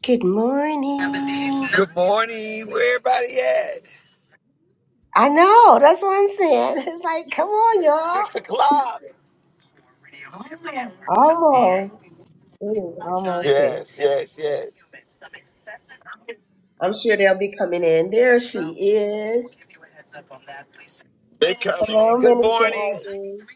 Good morning. Good morning. Where everybody at? I know, that's what I'm saying. It's like, come on, Six y'all. o'clock. Almost. It is almost Yes, six. yes, yes. I'm sure they'll be coming in. There she is. They coming Hello, in. Good Minister morning. Ivy.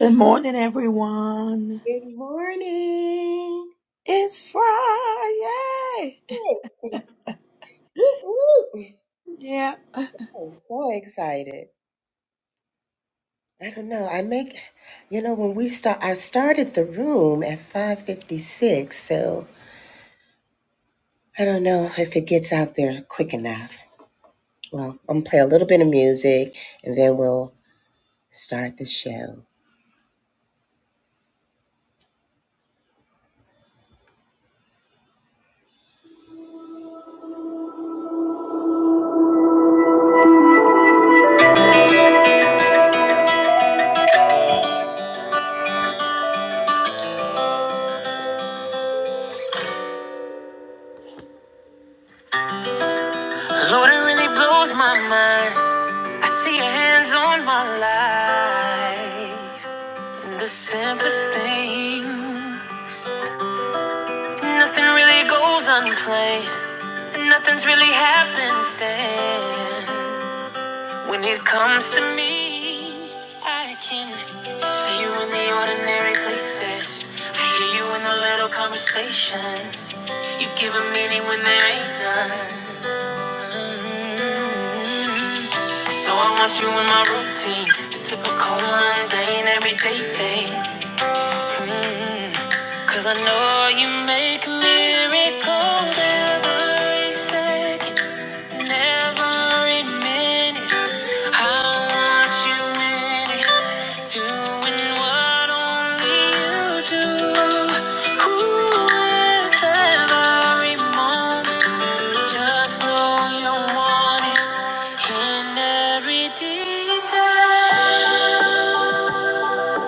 Good morning, everyone. Good morning. It's Friday. Hey. Whoop, whoop. Yeah. I'm so excited. I don't know. I make you know when we start I started the room at 556, so I don't know if it gets out there quick enough. Well, I'm gonna play a little bit of music and then we'll start the show. Lord, it really blows my mind. I see your hands on my life. In the simplest thing, nothing really goes unplanned. And nothing's really happened Stand. When it comes to me, I can see you in the ordinary places. I hear you in the little conversations. You give a meaning when there ain't none. So I want you in my routine, the typical mundane everyday thing. Mm. Cause I know you make miracles every second, and every minute. I want you in it, doing what only you do. Ooh, with every moment, just know you want it in every detail.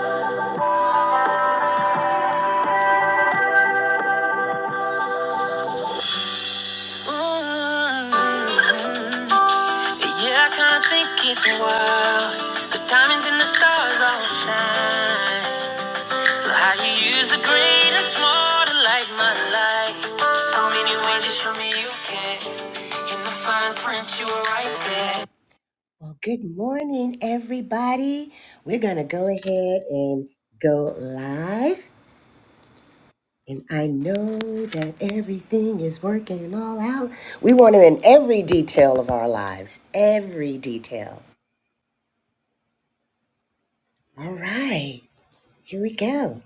Mm-hmm. Yeah, I kinda think it's wild. The diamonds and the stars all shine. Look how you use the great and small to light my life. So many ways you show me you care. In the fine print, you were right there. Well, good morning, everybody. We're gonna go ahead and go live. And I know that everything is working all out. We want him in every detail of our lives, every detail. All right, here we go.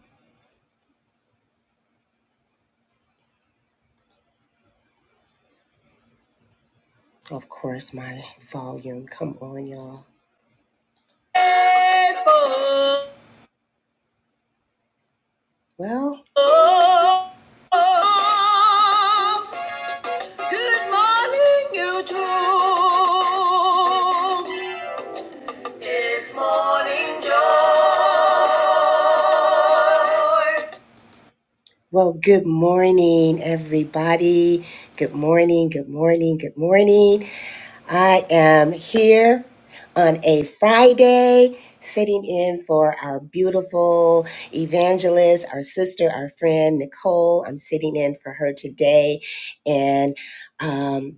Of course, my volume. Come on, y'all. Well, good morning, YouTube. It's morning joy. Well, good morning, everybody. Good morning, good morning, good morning. I am here on a Friday sitting in for our beautiful evangelist, our sister, our friend, Nicole. I'm sitting in for her today. And, um,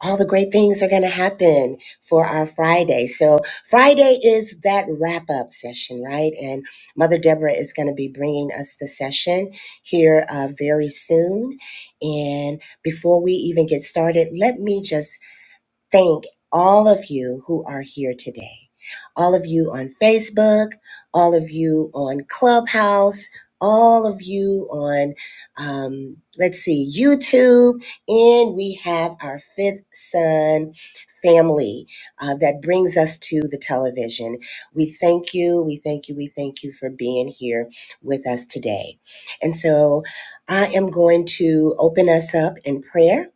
all the great things are going to happen for our Friday. So, Friday is that wrap up session, right? And Mother Deborah is going to be bringing us the session here uh, very soon. And before we even get started, let me just thank all of you who are here today. All of you on Facebook, all of you on Clubhouse, all of you on, um, let's see, YouTube. And we have our fifth son family uh, that brings us to the television. We thank you, we thank you, we thank you for being here with us today. And so I am going to open us up in prayer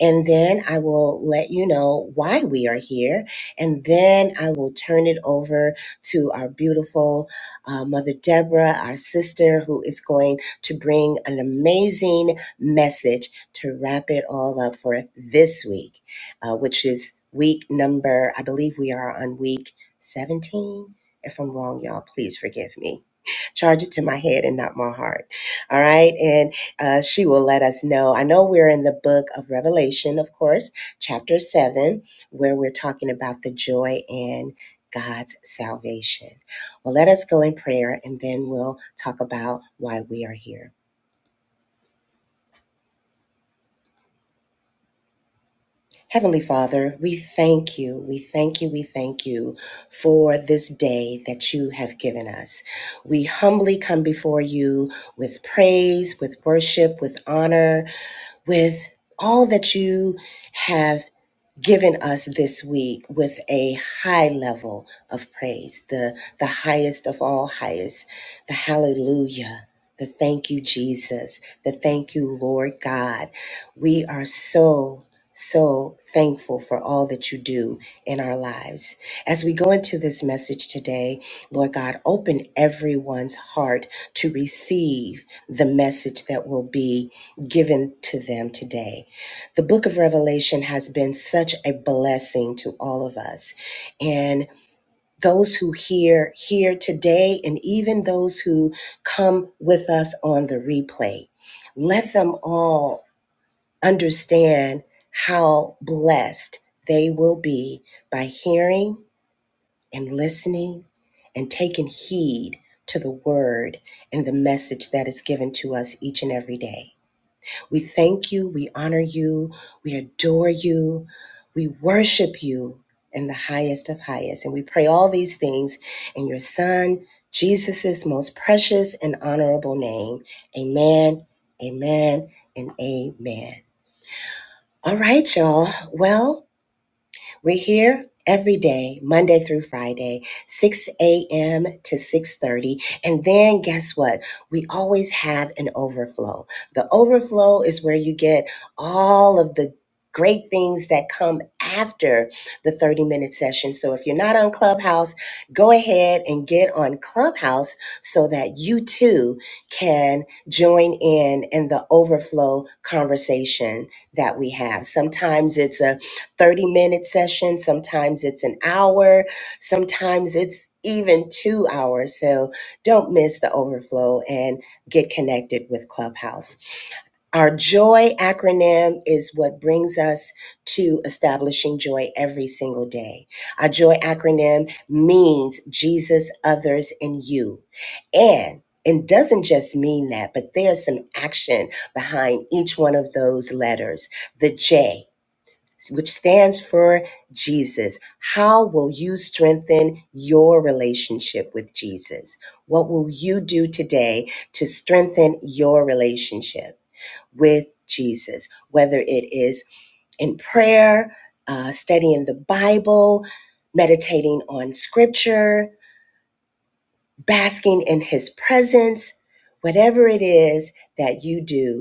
and then I will let you know why we are here. And then I will turn it over to our beautiful uh, Mother Deborah, our sister, who is going to bring an amazing message to wrap it all up for this week, uh, which is week number, I believe we are on week 17. If I'm wrong, y'all, please forgive me charge it to my head and not my heart. All right. And uh, she will let us know. I know we're in the book of Revelation, of course, chapter 7, where we're talking about the joy in God's salvation. Well, let us go in prayer and then we'll talk about why we are here. Heavenly Father, we thank you, we thank you, we thank you for this day that you have given us. We humbly come before you with praise, with worship, with honor, with all that you have given us this week with a high level of praise, the, the highest of all highest, the hallelujah, the thank you, Jesus, the thank you, Lord God. We are so, so thankful for all that you do in our lives. As we go into this message today, Lord God, open everyone's heart to receive the message that will be given to them today. The book of Revelation has been such a blessing to all of us. And those who hear here today, and even those who come with us on the replay, let them all understand how blessed they will be by hearing and listening and taking heed to the word and the message that is given to us each and every day. We thank you, we honor you, we adore you, we worship you in the highest of highest. And we pray all these things in your Son, Jesus' most precious and honorable name. Amen, amen, and amen. All right, y'all. Well, we're here every day, Monday through Friday, 6 a.m. to 6:30. And then guess what? We always have an overflow. The overflow is where you get all of the great things that come after the 30 minute session. So if you're not on Clubhouse, go ahead and get on Clubhouse so that you too can join in in the overflow conversation that we have. Sometimes it's a 30 minute session. Sometimes it's an hour. Sometimes it's even two hours. So don't miss the overflow and get connected with Clubhouse. Our JOY acronym is what brings us to establishing joy every single day. Our JOY acronym means Jesus, others, and you. And it doesn't just mean that, but there's some action behind each one of those letters. The J which stands for Jesus. How will you strengthen your relationship with Jesus? What will you do today to strengthen your relationship with Jesus? Whether it is in prayer, uh, studying the Bible, meditating on scripture, basking in his presence, whatever it is that you do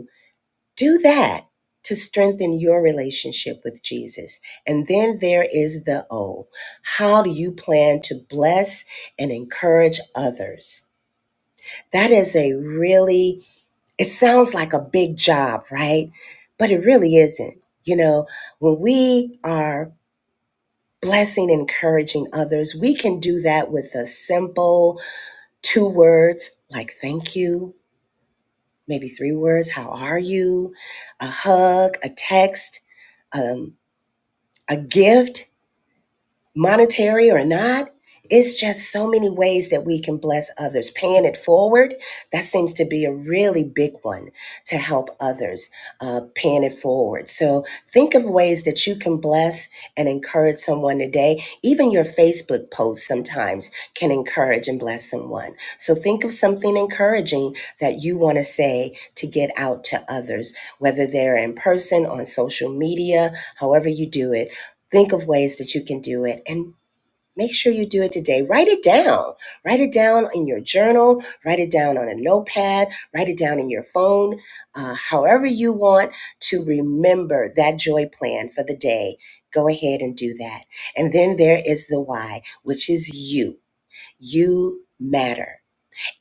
do that to strengthen your relationship with Jesus. And then there is the O. How do you plan to bless and encourage others? That is a really, it sounds like a big job, right? But it really isn't. You know, when we are blessing and encouraging others, we can do that with a simple two words like thank you, maybe three words, how are you, a hug, a text um. a gift, monetary or not. It's just so many ways that we can bless others. Paying it forward, that seems to be a really big one to help others, uh, paying it forward. So think of ways that you can bless and encourage someone today. Even your Facebook posts sometimes can encourage and bless someone. So think of something encouraging that you want to say to get out to others, whether they're in person, on social media, however you do it think of ways that you can do it and make sure you do it today. Write it down. Write it down in your journal, write it down on a notepad, write it down in your phone, uh, however you want to remember that joy plan for the day. Go ahead and do that. And then there is the why, which is you. You matter.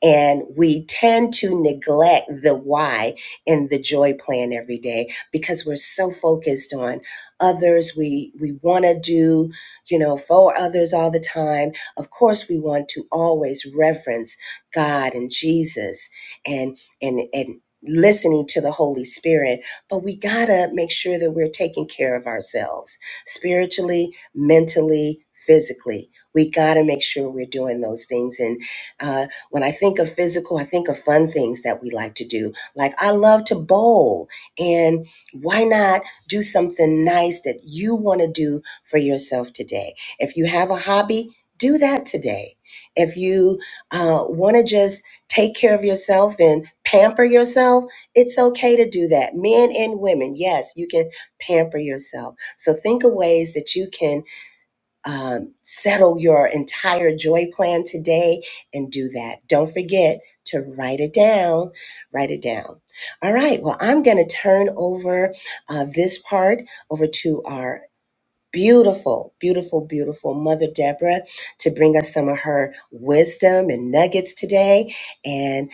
And we tend to neglect the why in the joy plan every day because we're so focused on others. We we want to do, you know, for others all the time. Of course, we want to always reverence God and Jesus and and and listening to the Holy Spirit, but we gotta make sure that we're taking care of ourselves spiritually, mentally, physically. We gotta make sure we're doing those things and uh, when I think of physical, I think of fun things that we like to do. Like I love to bowl, and why not do something nice that you want to do for yourself today? If you have a hobby, do that today. If you uh, want to just take care of yourself and pamper yourself, it's okay to do that. Men and women, yes, you can pamper yourself. So think of ways that you can um, settle your entire joy plan today and do that. Don't forget to write it down. Write it down. All right. Well, I'm going to turn over uh, this part over to our beautiful, beautiful, beautiful Mother Deborah to bring us some of her wisdom and nuggets today. And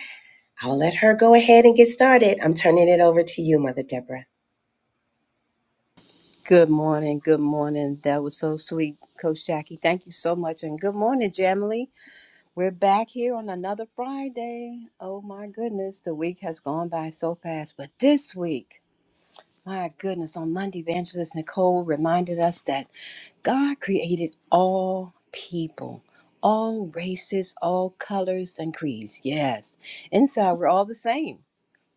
I'll let her go ahead and get started. I'm turning it over to you, Mother Deborah. Good morning. Good morning. That was so sweet, Coach Jackie. Thank you so much. And good morning, Jamily. We're back here on another Friday. Oh my goodness, the week has gone by so fast. But this week, my goodness, on Monday, Evangelist Nicole reminded us that God created all people, all races, all colors and creeds. Yes, inside we're all the same,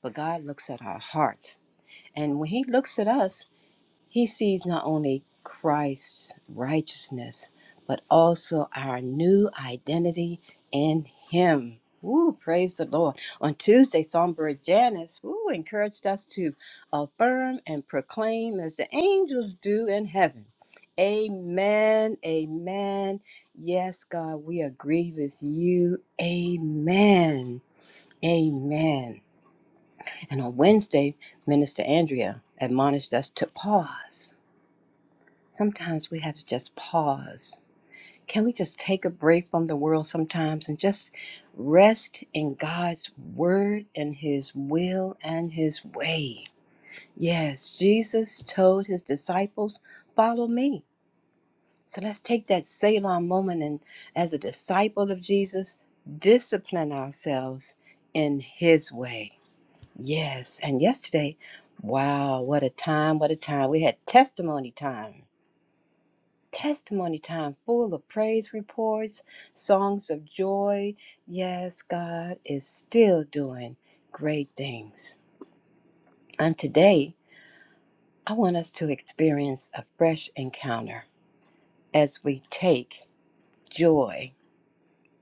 but God looks at our hearts. And when He looks at us, he sees not only Christ's righteousness, but also our new identity in Him. Woo, praise the Lord. On Tuesday, Songbird Janice woo, encouraged us to affirm and proclaim as the angels do in heaven. Amen. Amen. Yes, God, we agree with you. Amen. Amen. And on Wednesday, Minister Andrea admonished us to pause sometimes we have to just pause. Can we just take a break from the world sometimes and just rest in God's word and his will and his way? Yes, Jesus told his disciples, Follow me. So let's take that Selah moment and, as a disciple of Jesus, discipline ourselves in his way. Yes, and yesterday, wow, what a time, what a time. We had testimony time testimony time full of praise reports, songs of joy. Yes, God is still doing great things. And today, I want us to experience a fresh encounter as we take joy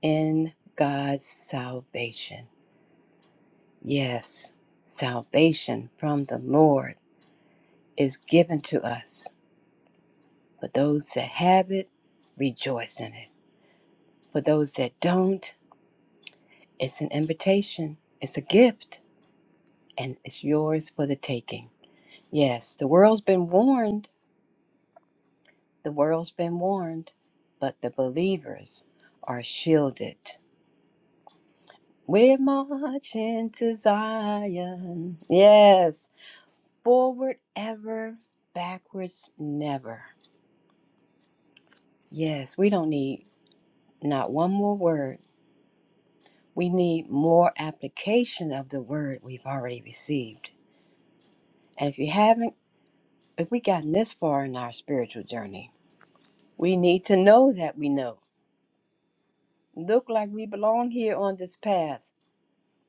in God's salvation. Yes, salvation from the Lord is given to us. For those that have it, rejoice in it. For those that don't, it's an invitation, it's a gift and it's yours for the taking. Yes, the world's been warned. The world's been warned, but the believers are shielded. We're marching to Zion. Yes, forward ever, backwards never. Yes, we don't need not one more word. We need more application of the word we've already received. And if you haven't, if we gotten this far in our spiritual journey, we need to know that we know look like we belong here on this path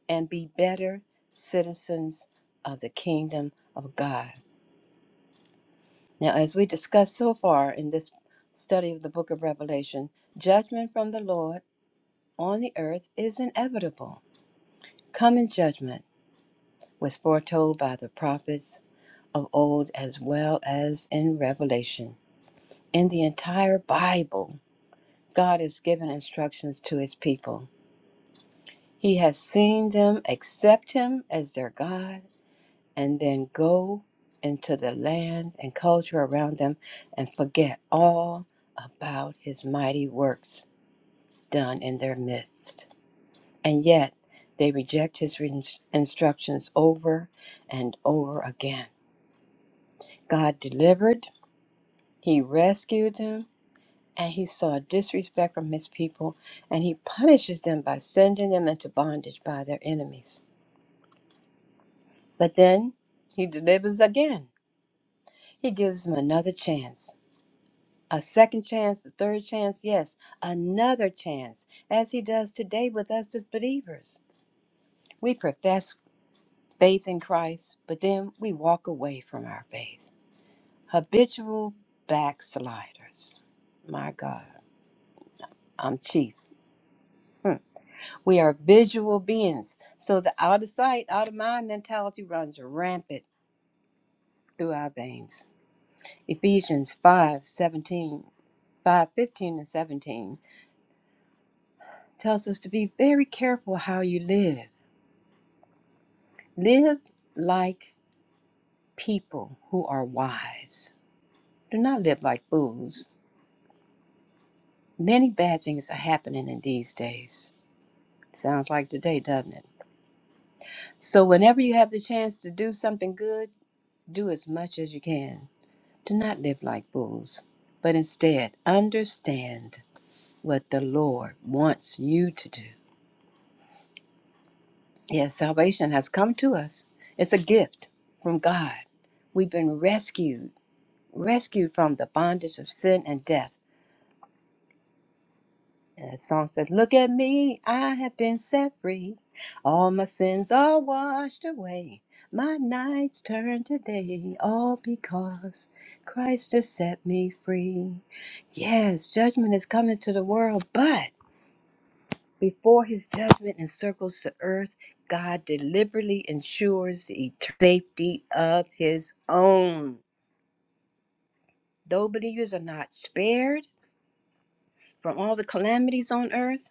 and be better citizens of the kingdom of God. Now, as we discussed so far in this study of the book of Revelation, judgment from the Lord on the earth is inevitable. Coming judgment was foretold by the prophets of old as well as in Revelation. In the entire Bible, God has given instructions to his people. He has seen them accept him as their God and then go into the land and culture around them and forget all about his mighty works done in their midst. And yet they reject his re- instructions over and over again. God delivered, he rescued them, and he saw disrespect from his people, and he punishes them by sending them into bondage by their enemies. But then he delivers again. He gives them another chance a second chance, a third chance, yes, another chance, as he does today with us as believers. We profess faith in Christ, but then we walk away from our faith. Habitual backsliders. My God, I'm chief. Hmm. We are visual beings, so the out of sight, out of mind mentality runs rampant through our veins. Ephesians 5 17, 5 15 and 17 tells us to be very careful how you live Live like people who are wise. Do not live like fools. Many bad things are happening in these days. Sounds like today, doesn't it? So, whenever you have the chance to do something good, do as much as you can. Do not live like fools, but instead understand what the Lord wants you to do. Yes, salvation has come to us, it's a gift from God. We've been rescued, rescued from the bondage of sin and death And That song said, Look at me, I have been set free. All my sins are washed away. My nights turn to day, all because Christ has set me free. Yes, judgment is coming to the world, but before his judgment encircles the earth, God deliberately ensures the eternal safety of his own. Though believers are not spared from all the calamities on earth,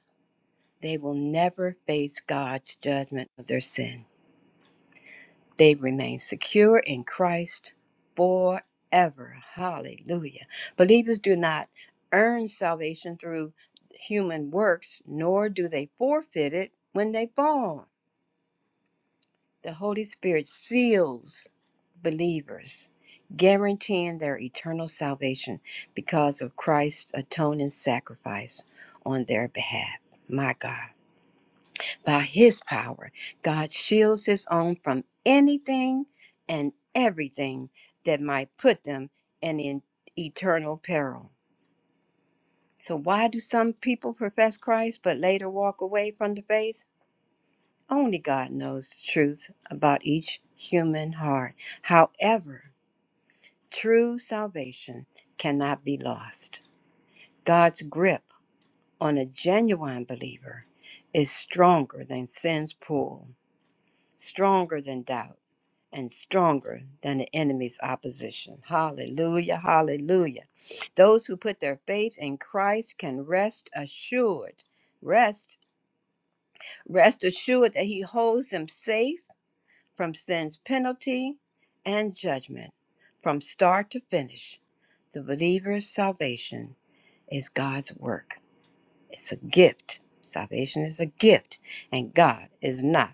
They will never face God's judgment of their sin. They remain secure in Christ forever. Hallelujah. Believers do not earn salvation through human works, nor do they forfeit it when they fall. The Holy Spirit seals believers, guaranteeing their eternal salvation because of Christ's atoning sacrifice on their behalf. My God. By his power, God shields his own from anything and everything that might put them in en- eternal peril. So, why do some people profess Christ but later walk away from the faith? Only God knows the truth about each human heart. However, true salvation cannot be lost. God's grip on a genuine believer is stronger than sin's pull. stronger than doubt and stronger than the enemy's opposition. Hallelujah, hallelujah. Those who put their faith in Christ can rest assured, rest, rest assured that He holds them safe from sin's penalty and judgment from start to finish. The believer's salvation is God's work, it's a gift. Salvation is a gift, and God is not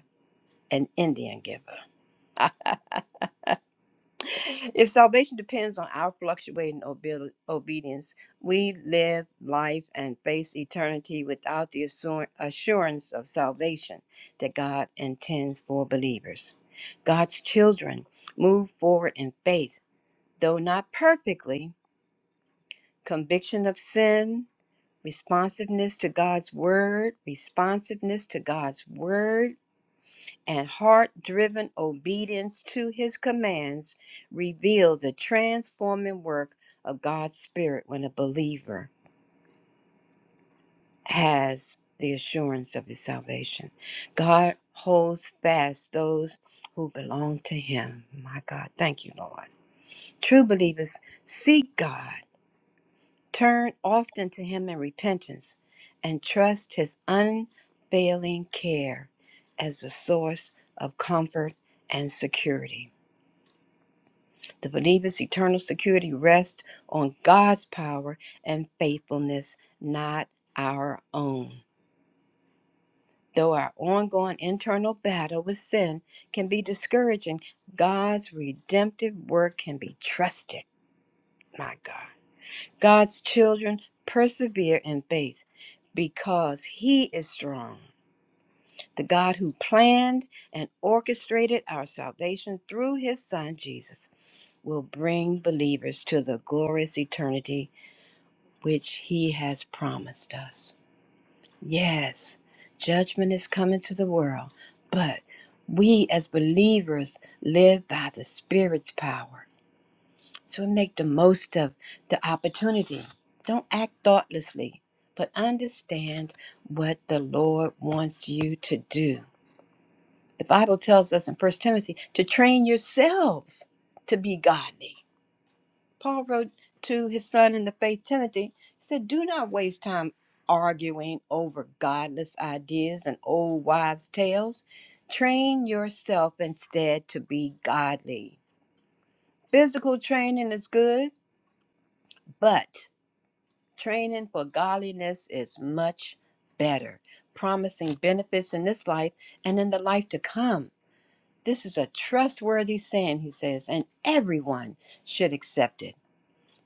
an Indian giver. If salvation depends on our fluctuating obe- obedience, we live life and face eternity without the assur- assurance of salvation that God intends for believers. God's children move forward in faith, though not perfectly. Conviction of sin, responsiveness to God's word, responsiveness to God's word, and heart driven obedience to his commands reveal the transforming work of God's Spirit when a believer has the assurance of his salvation. God holds fast those who belong to him. My God, thank you, Lord. True believers seek God, turn often to him in repentance, and trust his unfailing care as the source of comfort and security. The believer's eternal security rests on God's power and faithfulness, not our own. Though our ongoing internal battle with sin can be discouraging, God's redemptive work can be trusted. My God. God's children persevere in faith because He is strong. The God who planned and orchestrated our salvation through His Son Jesus will bring believers to the glorious eternity which he has promised us. Yes, judgment is coming to the world, but we as believers live by the Spirit's power. So we make the most of the opportunity. Don't act thoughtlessly, but understand what the Lord wants you to do. The Bible tells us in First Timothy to train yourselves to be godly. Paul wrote to his son in the faith, Timothy, he said, Do not waste time arguing over godless ideas and old wives' tales. Train yourself instead to be godly. Physical training is good, but training for godliness is much better, promising benefits in this life and in the life to come. This is a trustworthy saying, he says, and everyone should accept it.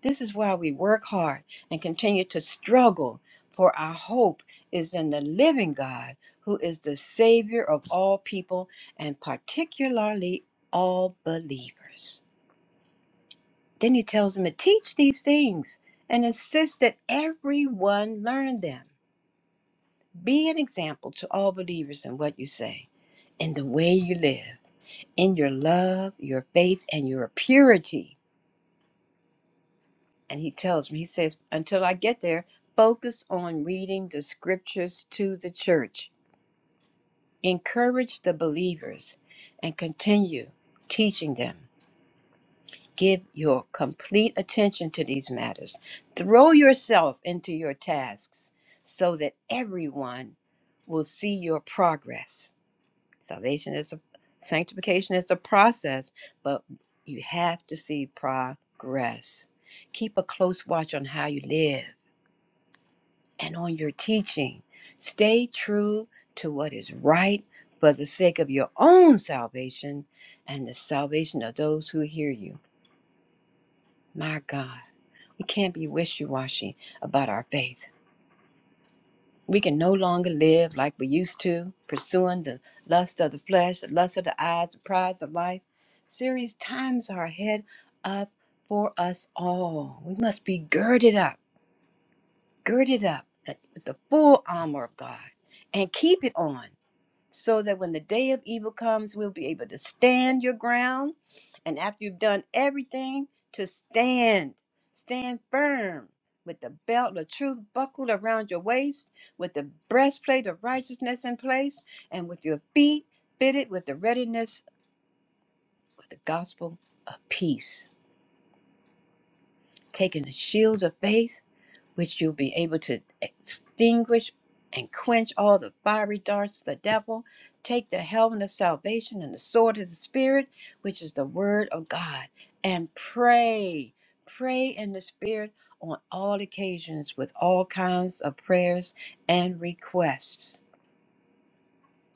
This is why we work hard and continue to struggle, for our hope is in the living God, who is the Savior of all people and particularly all believers. Then he tells them to teach these things and insist that everyone learn them. Be an example to all believers in what you say, in the way you live, in your love, your faith, and your purity. And he tells me, he says, until I get there, focus on reading the scriptures to the church. Encourage the believers and continue teaching them. Give your complete attention to these matters. Throw yourself into your tasks so that everyone will see your progress. Salvation is a sanctification is a process, but you have to see progress. Keep a close watch on how you live and on your teaching. Stay true to what is right for the sake of your own salvation and the salvation of those who hear you. My God, we can't be wishy washy about our faith. We can no longer live like we used to, pursuing the lust of the flesh, the lust of the eyes, the prize of life. Serious times are ahead up for us all. We must be girded up, girded up uh, with the full armor of God and keep it on so that when the day of evil comes, we'll be able to stand your ground. And after you've done everything, to stand, stand firm with the belt of truth buckled around your waist, with the breastplate of righteousness in place, and with your feet fitted with the readiness of the gospel of peace. Taking the shield of faith which you'll be able to extinguish and quench all the fiery darts of the devil. Take the helmet of salvation and the sword of the Spirit, which is the word of God, and pray. Pray in the Spirit on all occasions with all kinds of prayers and requests.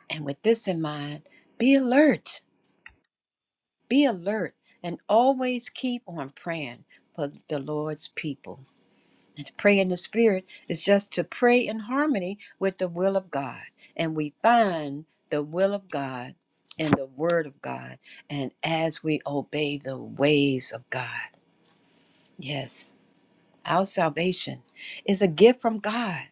And with this in mind, be alert, be alert, and always keep on praying for the Lord's people And to pray in the Spirit is just to pray in harmony with the will of God. And we find the will of God in the Word of God. And as we obey the ways of God, yes, our salvation is a gift from God.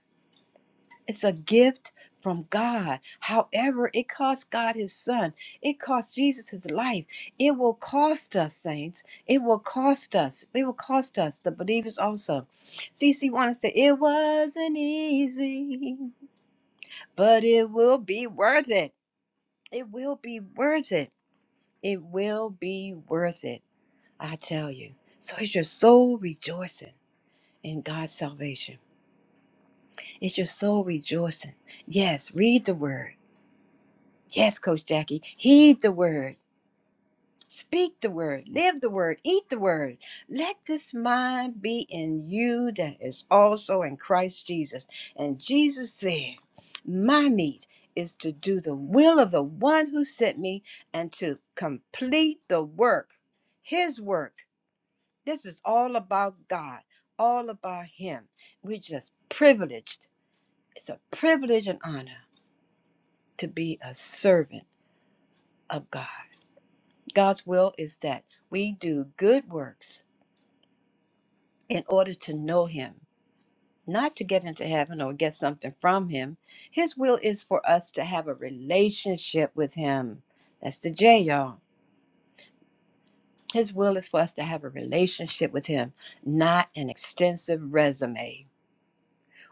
It's a gift from God. However, it cost God his son. It cost Jesus his life. It will cost us, saints. It will cost us. It will cost us, the believers also. CC wanted to say, It wasn't easy, but it will be worth it. It will be worth it. It will be worth it. I tell you. So it's your soul rejoicing in God's salvation. It's your soul rejoicing. Yes, read the word Yes, Coach Jackie, heed the word, speak the word, live the word, eat the word. Let this mind be in you that is also in Christ Jesus. And Jesus said, My meat is to do the will of the one who sent me and to complete the work, his work. This is all about God, all about him. We're just privileged. It's a privilege and honor to be a servant of God. God's will is that we do good works in order to know Him, not to get into heaven or get something from Him. His will is for us to have a relationship with Him. That's the J, y'all. His will is for us to have a relationship with Him, not an extensive resume.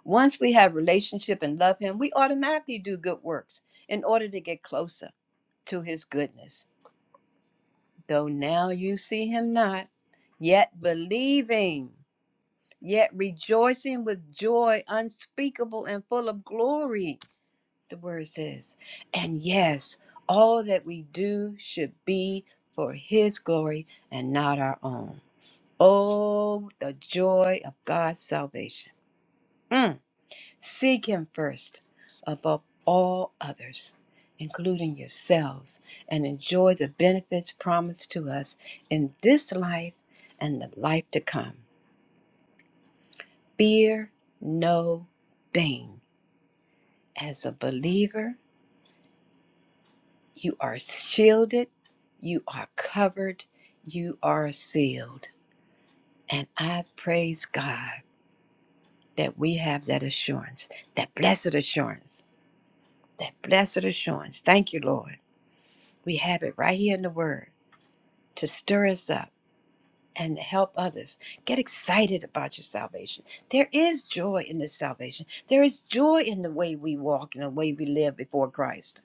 Once we have relationship and love Him, we automatically do good works in order to get closer to His goodness. Though now you see Him not, yet believing. yet rejoicing with joy unspeakable and full of glory, the word says. And yes, all that we do should be for his glory and not our own. Oh, the joy of God's salvation. Mm. Seek him first above all others, including yourselves, and enjoy the benefits promised to us in this life and the life to come. fear no thing. As a believer, you are shielded, you are covered, you are sealed. And I praise God that we have that assurance, that blessed assurance, that blessed assurance. Thank you, Lord. We have it right here in the Word to stir us up and help others. Get excited about your salvation. There is joy in this salvation, there is joy in the way we walk and the way we live before Christ.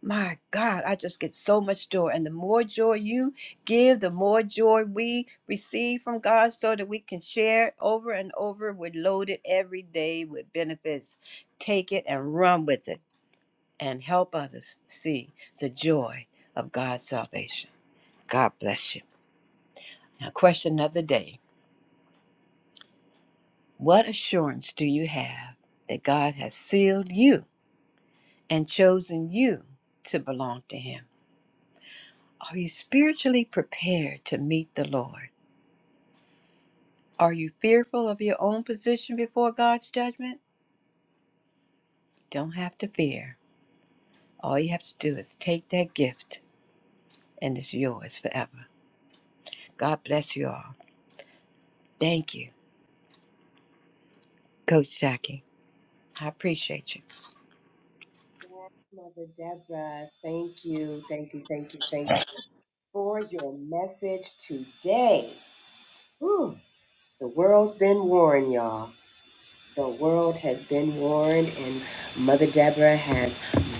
My God, I just get so much joy. And the more joy you give, the more joy we receive from God so that we can share it over and over. We're loaded every day with benefits. Take it and run with it and help others see the joy of God's salvation. God bless you. Now, question of the day What assurance do you have that God has sealed you and chosen you to belong to Him? Are you spiritually prepared to meet the Lord? Are you fearful of your own position before God's judgment? Don't have to fear. All you have to do is take that gift, and it's yours forever. God bless you all. Thank you, Coach Jackie. I appreciate you. Mother Deborah, thank you, thank you, thank you, thank you for your message today. Whew, the world's been warned, y'all. The world has been warned, and Mother Deborah has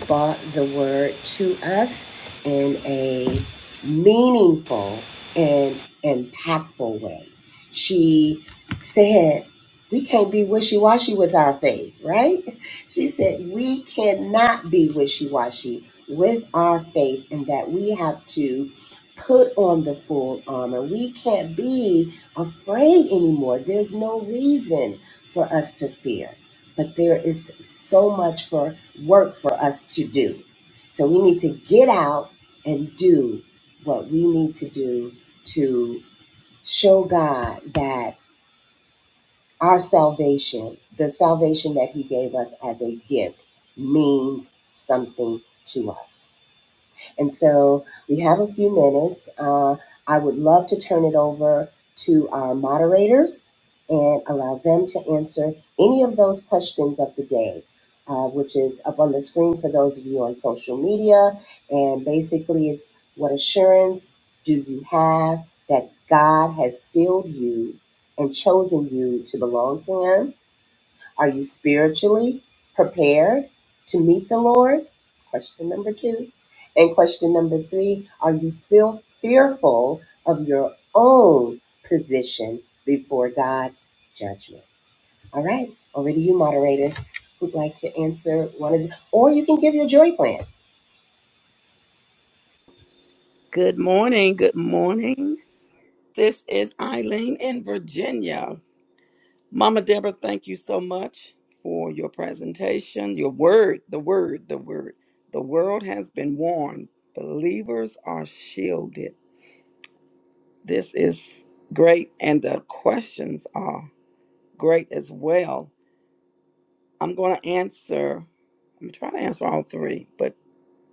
brought the word to us in a meaningful and impactful way. She said, We can't be wishy washy with our faith, right? She said, We cannot be wishy washy with our faith, and that we have to put on the full armor. We can't be afraid anymore. There's no reason for us to fear, but there is so much for work for us to do. So we need to get out and do what we need to do to show God that our salvation, the salvation that He gave us as a gift, means something to us. And so we have a few minutes. Uh, I would love to turn it over to our moderators and allow them to answer any of those questions of the day, uh, which is up on the screen for those of you on social media. And basically, it's what assurance do you have that God has sealed you and chosen you to belong to Him? Are you spiritually prepared to meet the Lord? Question number two. And question number three Are you feel fearful of your own position before God's judgment? All right, over to you, moderators, who'd like to answer one of the, or you can give your joy plan. Good morning. Good morning. This is Eileen in Virginia. Mama Deborah, thank you so much for your presentation. Your word, the word, the word. The world has been warned. Believers are shielded. This is great, and the questions are great as well. I'm going to answer I'm trying to answer all three, but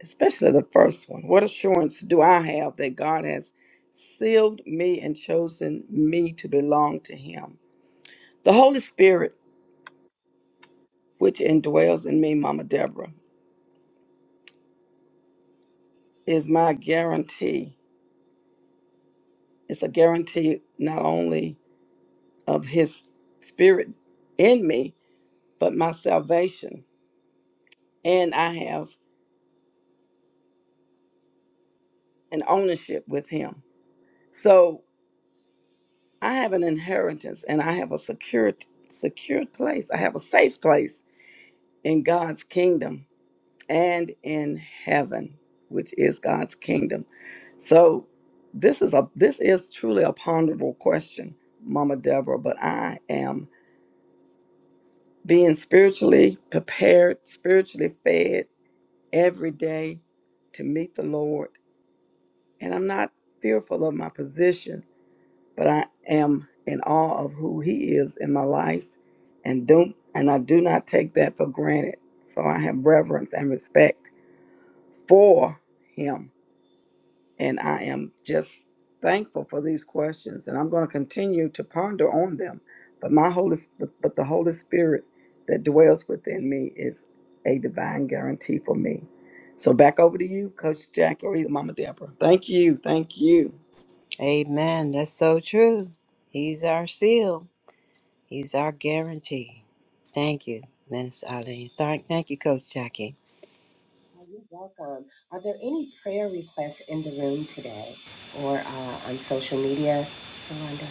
especially the first one. What assurance do I have that God has sealed me and chosen me to belong to Him? The Holy Spirit, which indwells in me, Mama Deborah, is my guarantee. It's a guarantee not only of His Spirit in me, but my salvation. And I have an ownership with Him. So I have an inheritance and I have a secure, secure place. I have a safe place in God's kingdom and in heaven, which is God's kingdom. So this is a this is truly a ponderable question, Mama Deborah, but I am being spiritually prepared, spiritually fed every day to meet the Lord. And I'm not fearful of my position, but I am in awe of who he is in my life and don't and I do not take that for granted. So I have reverence and respect for him And I am just thankful for these questions, and I'm going to continue to ponder on them. But my Holy, but the Holy Spirit that dwells within me is a divine guarantee for me. So back over to you, Coach Jackie, or either Mama Deborah. Thank you, thank you. Amen. That's so true. He's our seal, He's our guarantee. Thank you, Minister Eileen. Thank thank you, Coach Jackie. Oh, You're welcome. Are there any prayer requests in the room today or uh, on social media, Yolanda?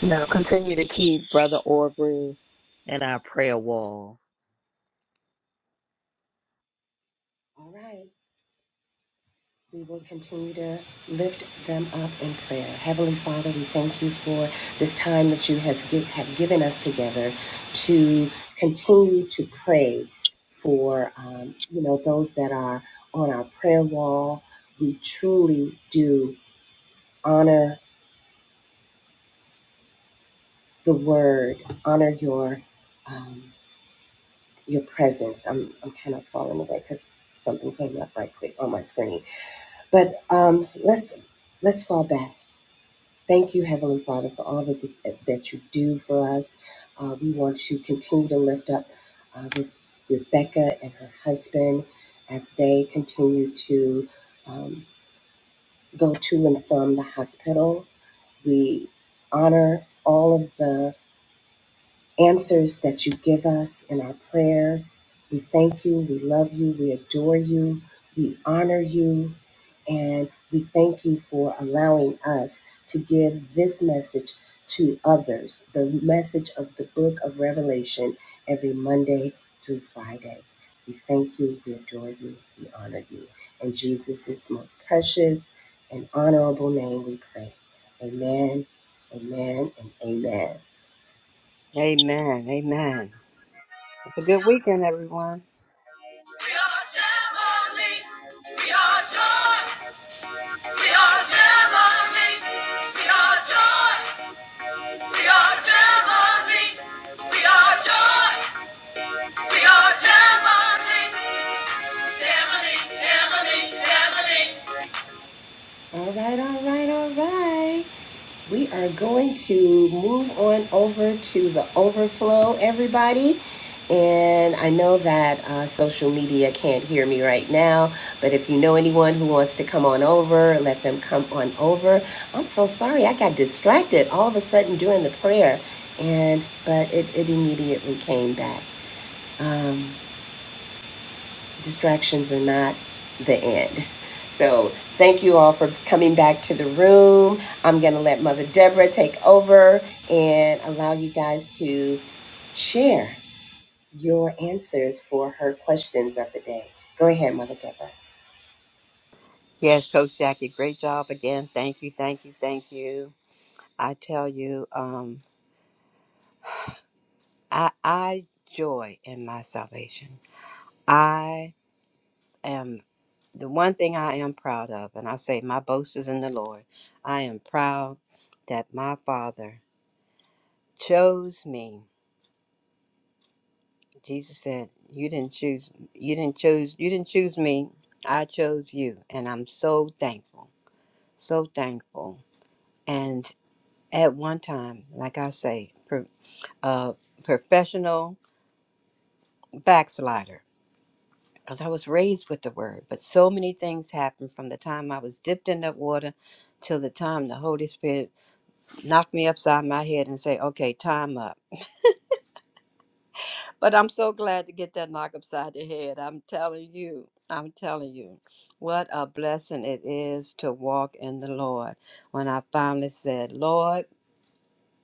Now continue to keep Brother Aubrey in our prayer wall. All right. We will continue to lift them up in prayer. Heavenly Father, we thank you for this time that you has give, have given us together to continue to pray for um, you know those that are on our prayer wall. We truly do honor the word, honor your um, your presence. I'm I'm kind of falling away because something came up right quick on my screen. But um, let's let's fall back Thank you, Heavenly Father, for all that, that you do for us. Uh, we want to continue to lift up uh, Re- Rebecca and her husband as they continue to um, go to and from the hospital. We honor all of the answers that you give us in our prayers. We thank you, we love you, we adore you, we honor you, and we thank you for allowing us to give this message to others the message of the book of Revelation every Monday through Friday. We thank you, we adore you, we honor you. In Jesus' most precious and honorable name we pray. Amen, amen, and amen. Amen. Amen. It's a good weekend, everyone. We are Gemini. We are joy. We are Gemini. We are joy. We are Gemini. We are joy. We are Gemini. All right, all right, all right. We are going to move on over to the overflow, everybody. And I know that uh, social media can't hear me right now, but if you know anyone who wants to come on over, let them come on over. I'm so sorry, I got distracted all of a sudden during the prayer, and but it, it immediately came back. Um, distractions are not the end. So thank you all for coming back to the room. I'm going to let Mother Deborah take over and allow you guys to share your answers for her questions of the day. Go ahead, Mother Deborah. Yes, Coach Jackie, great job again. Thank you, thank you, thank you. I tell you, um, I, I joy in my salvation. I am the one thing I am proud of, and I say, My boast is in the Lord. I am proud that my Father chose me. Jesus said, You didn't choose, you didn't choose, you didn't choose me. I chose you, and I'm so thankful, so thankful. And at one time, like I say, pro, uh, professional backslider. because I was raised with the word. But so many things happened from the time I was dipped in that water till the time the Holy Spirit knocked me upside my head and say, "Okay, time up." But I'm so glad to get that knock upside the head. I'm telling you. I'm telling you, what a blessing it is to walk in the Lord. When I finally said, Lord,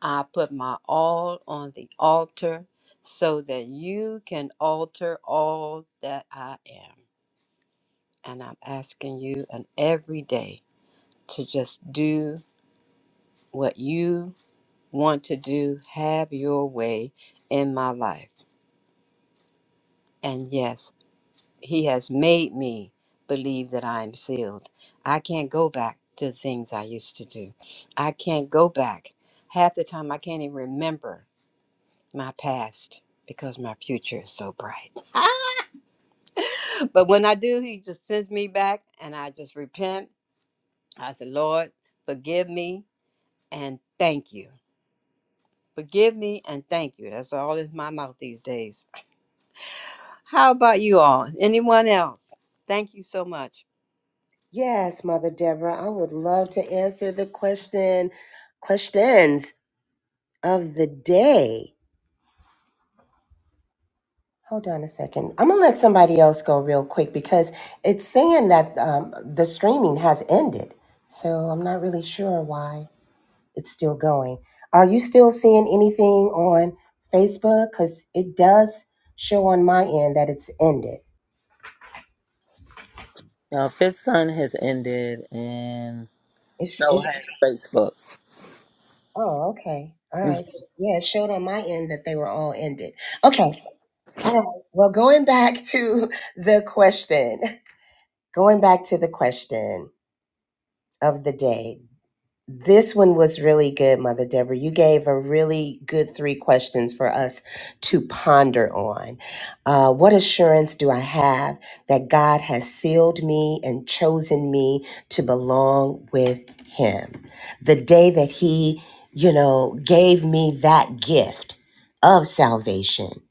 I put my all on the altar so that you can alter all that I am. And I'm asking you and every day to just do what you want to do, have your way in my life. And yes, He has made me believe that I am sealed. I can't go back to the things I used to do. I can't go back. Half the time, I can't even remember my past because my future is so bright. but when I do, He just sends me back and I just repent. I say, Lord, forgive me and thank you. Forgive me and thank you. That's all in my mouth these days. How about you all? Anyone else? Thank you so much. Yes, Mother Deborah, I would love to answer the question questions of the day. Hold on a second. I'm gonna let somebody else go real quick because it's saying that um, the streaming has ended. So I'm not really sure why it's still going. Are you still seeing anything on Facebook? Because it does show on my end that it's ended. Now, Fifth Son has ended, and It's, so it, has Facebook. oh, okay. All Mhm. right. Yeah, it showed on my end that they were all ended. Okay. All right. Well, going back to the question, going back to the question of the day This one was really good, Mother Deborah. You gave a really good three questions for us to ponder on. Uh, what assurance do I have that God has sealed me and chosen me to belong with Him? The day that He, you know, gave me that gift of salvation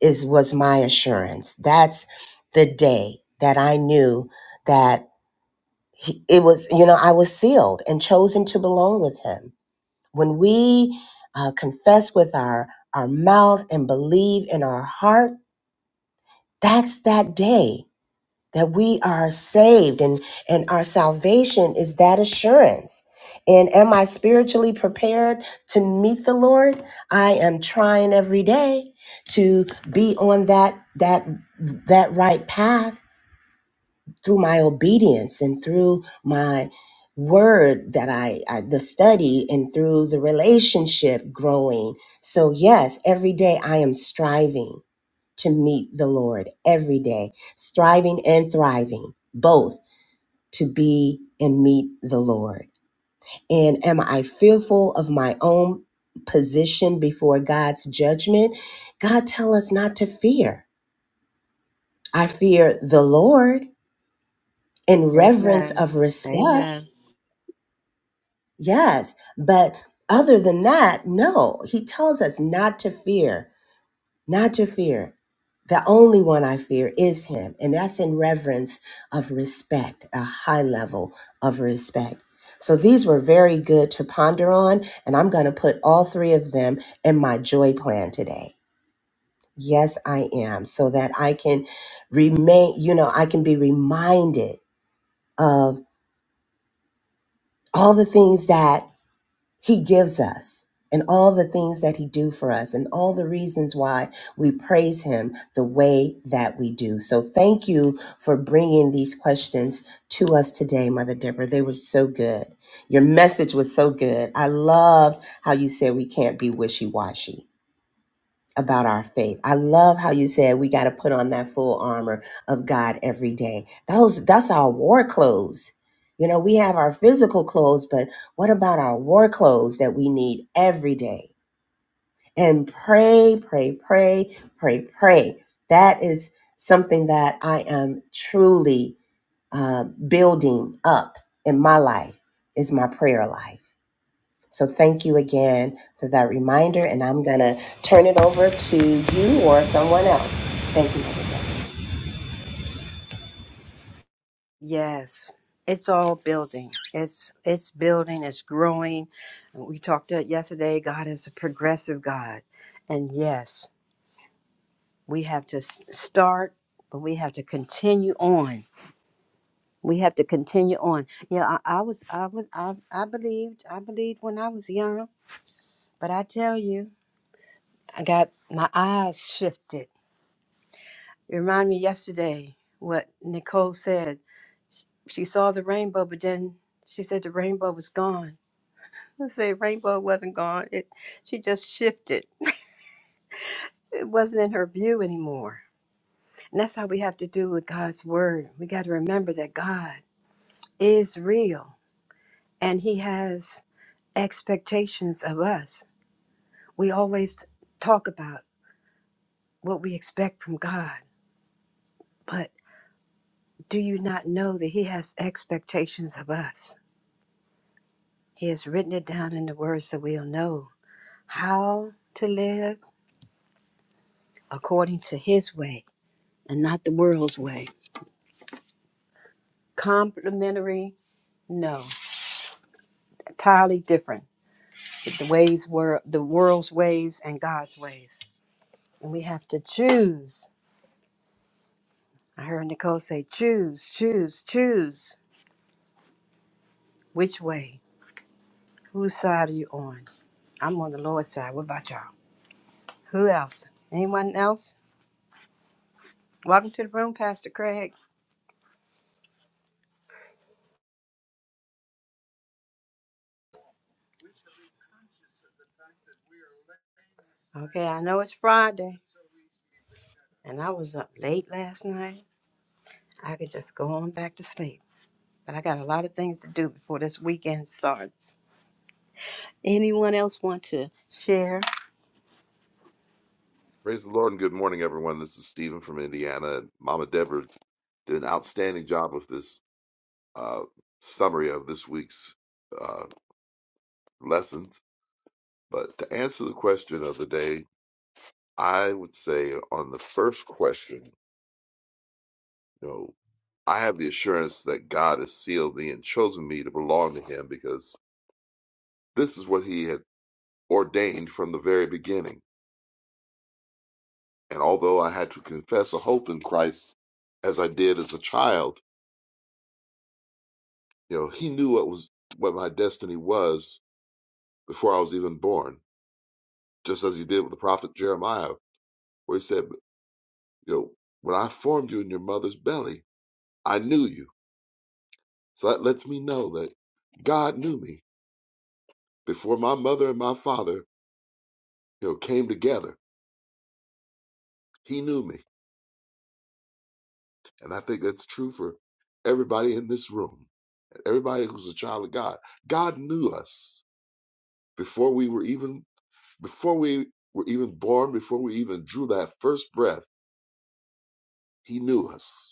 is was my assurance. That's the day that I knew that he, it was you know i was sealed and chosen to belong with him when we uh, confess with our our mouth and believe in our heart that's that day that we are saved and and our salvation is that assurance and am i spiritually prepared to meet the lord i am trying every day to be on that that that right path through my obedience and through my word that I, I the study and through the relationship growing so yes every day i am striving to meet the lord every day striving and thriving both to be and meet the lord and am i fearful of my own position before god's judgment god tell us not to fear i fear the lord in reverence Amen. of respect Amen. Yes, but other than that, no. He tells us not to fear, not to fear. The only one I fear is him, and that's in reverence of respect, a high level of respect. So these were very good to ponder on, and I'm going to put all three of them in my joy plan today. Yes, I am, so that I can remain, you know, I can be reminded of all the things that he gives us and all the things that he do for us and all the reasons why we praise him the way that we do so thank you for bringing these questions to us today mother deborah they were so good your message was so good i loved how you said we can't be wishy-washy about our faith. I love how you said we got to put on that full armor of God every day. Those that's our war clothes. You know, we have our physical clothes, but what about our war clothes that we need every day? And pray, pray, pray, pray, pray. That is something that I am truly uh, building up in my life is my prayer life so thank you again for that reminder, and I'm going to turn it over to you or someone else. Thank you. Mother Deb. Yes. It's all building. It's it's building, it's growing. We talked it yesterday. God is a progressive God. And yes, we have to s- start, but we have to continue on. We have to continue on. Yeah, I, I was I was I I believed I believed when I was young, but I tell you, I got my eyes shifted. It reminded me yesterday what Nicole said. She saw the rainbow, but then she said the rainbow was gone. I said rainbow wasn't gone. It she just shifted. It wasn't in her view anymore. And that's how we have to do with God's word. We got to remember that God is real and He has expectations of us. We always talk about what we expect from God, but Do you not know that He has expectations of us? He has written it down in the words that we'll know how to live according to His way and not the world's way. Complementary, no, entirely different. The ways were the world's ways and God's ways, and we have to choose. I heard Nicole say, "Choose, choose, choose. Which way? Whose side are you on? I'm on the Lord's side. What about y'all? Who else? Anyone else?" Welcome to the room, Pastor Craig. Okay, I know it's Friday, and I was up late last night. I could just go on back to sleep, but I got a lot of things to do before this weekend starts. Anyone else want to share? Praise the Lord and good morning, everyone. This is Stephen from Indiana. Mama Deborah did an outstanding job with this uh, summary of this week's uh, lessons. But to answer the question of the day, I would say on the first question, you know, I have the assurance that God has sealed me and chosen me to belong to Him because this is what He had ordained from the very beginning. And although I had to confess a hope in Christ as I did as a child, You know, he knew what was what my destiny was before I was even born, just as he did with the prophet Jeremiah, where he said, you know, when I formed you in your mother's belly, I knew you. So that lets me know that God knew me before my mother and my father, you know, came together. He knew me. And I think that's true for everybody in this room, everybody who's a child of God. God knew us before we were even before we were even born, before we even drew that first breath. He knew us.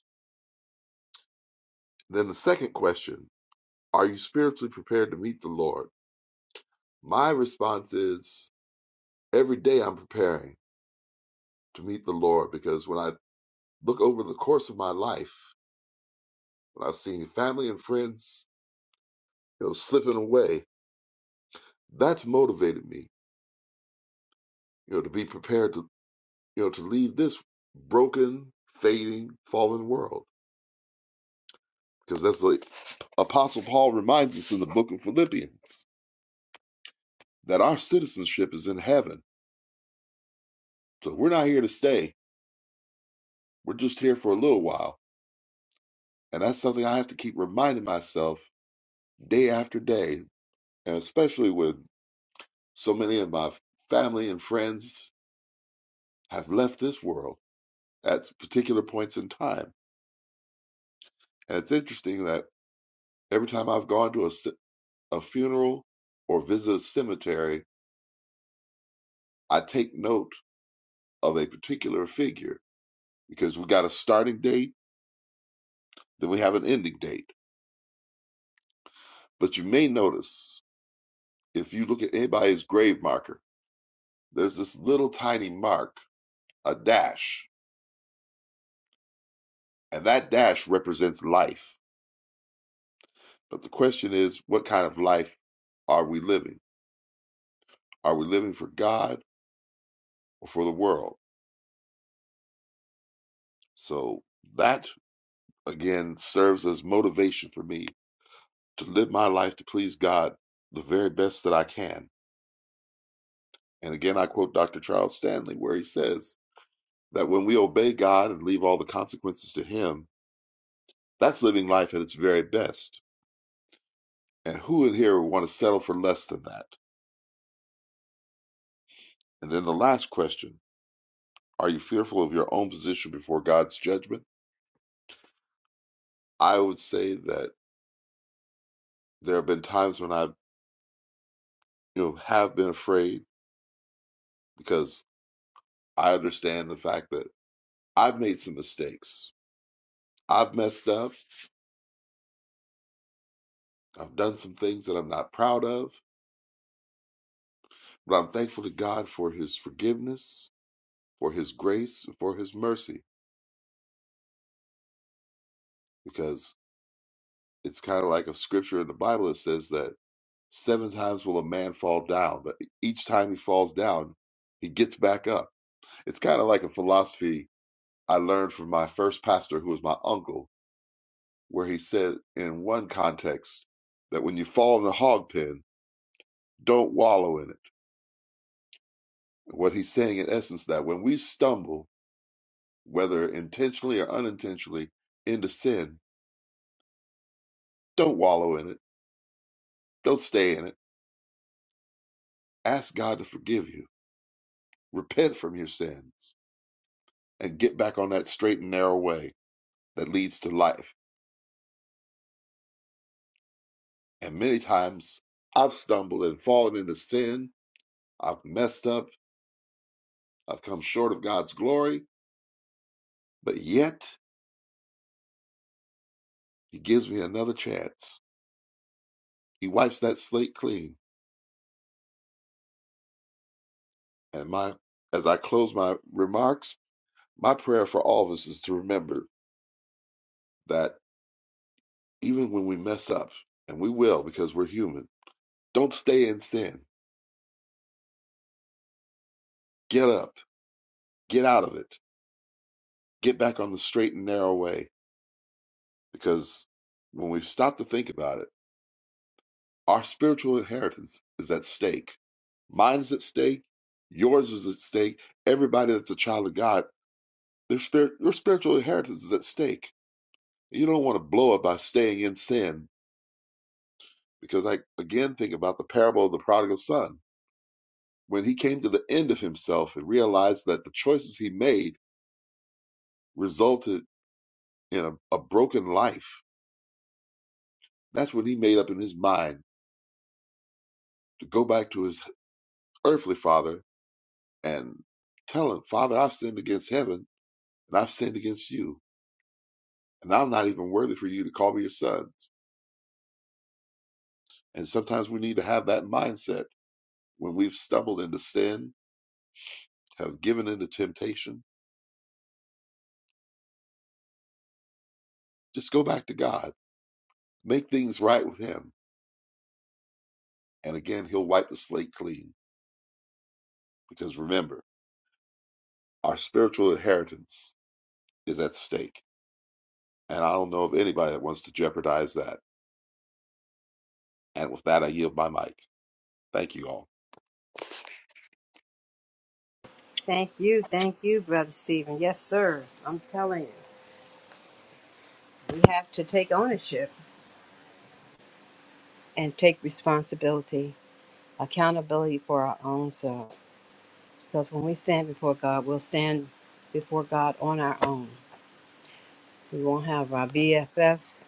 Then the second question, are you spiritually prepared to meet the Lord? My response is every day I'm preparing to meet the Lord because when I look over the course of my life, when I've seen family and friends, you know, slipping away, that's motivated me, you know, to be prepared to, you know, to leave this broken, fading, fallen world. Because that's the Apostle Paul reminds us in the book of Philippians that our citizenship is in heaven. So we're not here to stay. We're just here for a little while And that's something I have to keep reminding myself day after day. And especially when so many of my family and friends have left this world at particular points in time. And it's interesting that every time I've gone to a a funeral or visit a cemetery, I take note of a particular figure because we got a starting date, then we have an ending date. But you may notice if you look at anybody's grave marker, there's this little tiny mark, a dash And that dash represents life. But the question is, what kind of life are we living? Are we living for God or for the world? So that, again, serves as motivation for me to live my life to please God the very best that I can. And again, I quote Dr. Charles Stanley, where he says that when we obey God and leave all the consequences to Him, that's living life at its very best. And who in here would want to settle for less than that? And then the last question Are you fearful of your own position before God's judgment? I would say that there have been times when I, you know, have been afraid because I understand the fact that I've made some mistakes. I've messed up. I've done some things that I'm not proud of, but I'm thankful to God for his forgiveness, for his grace, and for his mercy because it's kind of like a scripture in the Bible that says that seven times will a man fall down, but each time he falls down, he gets back up. It's kind of like a philosophy I learned from my first pastor, who was my uncle, where he said in one context that when you fall in the hog pen, don't wallow in it. What he's saying in essence that when we stumble, whether intentionally or unintentionally, into sin, don't wallow in it. Don't stay in it. Ask God to forgive you. Repent from your sins and get back on that straight and narrow way that leads to life. And many times I've stumbled and fallen into sin. I've messed up. I've come short of God's glory But yet he gives me another chance. He wipes that slate clean. And my as I close my remarks, my prayer for all of us is to remember that even when we mess up, and we will because we're human, don't stay in sin. Get up, get out of it, get back on the straight and narrow way. Because when we stop to think about it, our spiritual inheritance is at stake. Mine is at stake, yours is at stake, everybody that's a child of God Their spirit, your spiritual inheritance is at stake. you don't want to blow it by staying in sin, because I again think about the parable of the prodigal son. When he came to the end of himself and realized that the choices he made resulted in a, a broken life, that's when he made up in his mind to go back to his earthly father and tell him, Father, I've sinned against heaven and I've sinned against you, and I'm not even worthy for you to call me your sons. And sometimes we need to have that mindset when we've stumbled into sin have given in to temptation, just go back to God. Make things right with Him. And again, He'll wipe the slate clean. Because remember, our spiritual inheritance is at stake. And I don't know of anybody that wants to jeopardize that. And with that, I yield my mic. Thank you all. Thank you, thank you, Brother Stephen. Yes, sir. I'm telling you, we have to take ownership and take responsibility, accountability for our own selves. Because when we stand before God, we'll stand before God on our own. We won't have our BFFs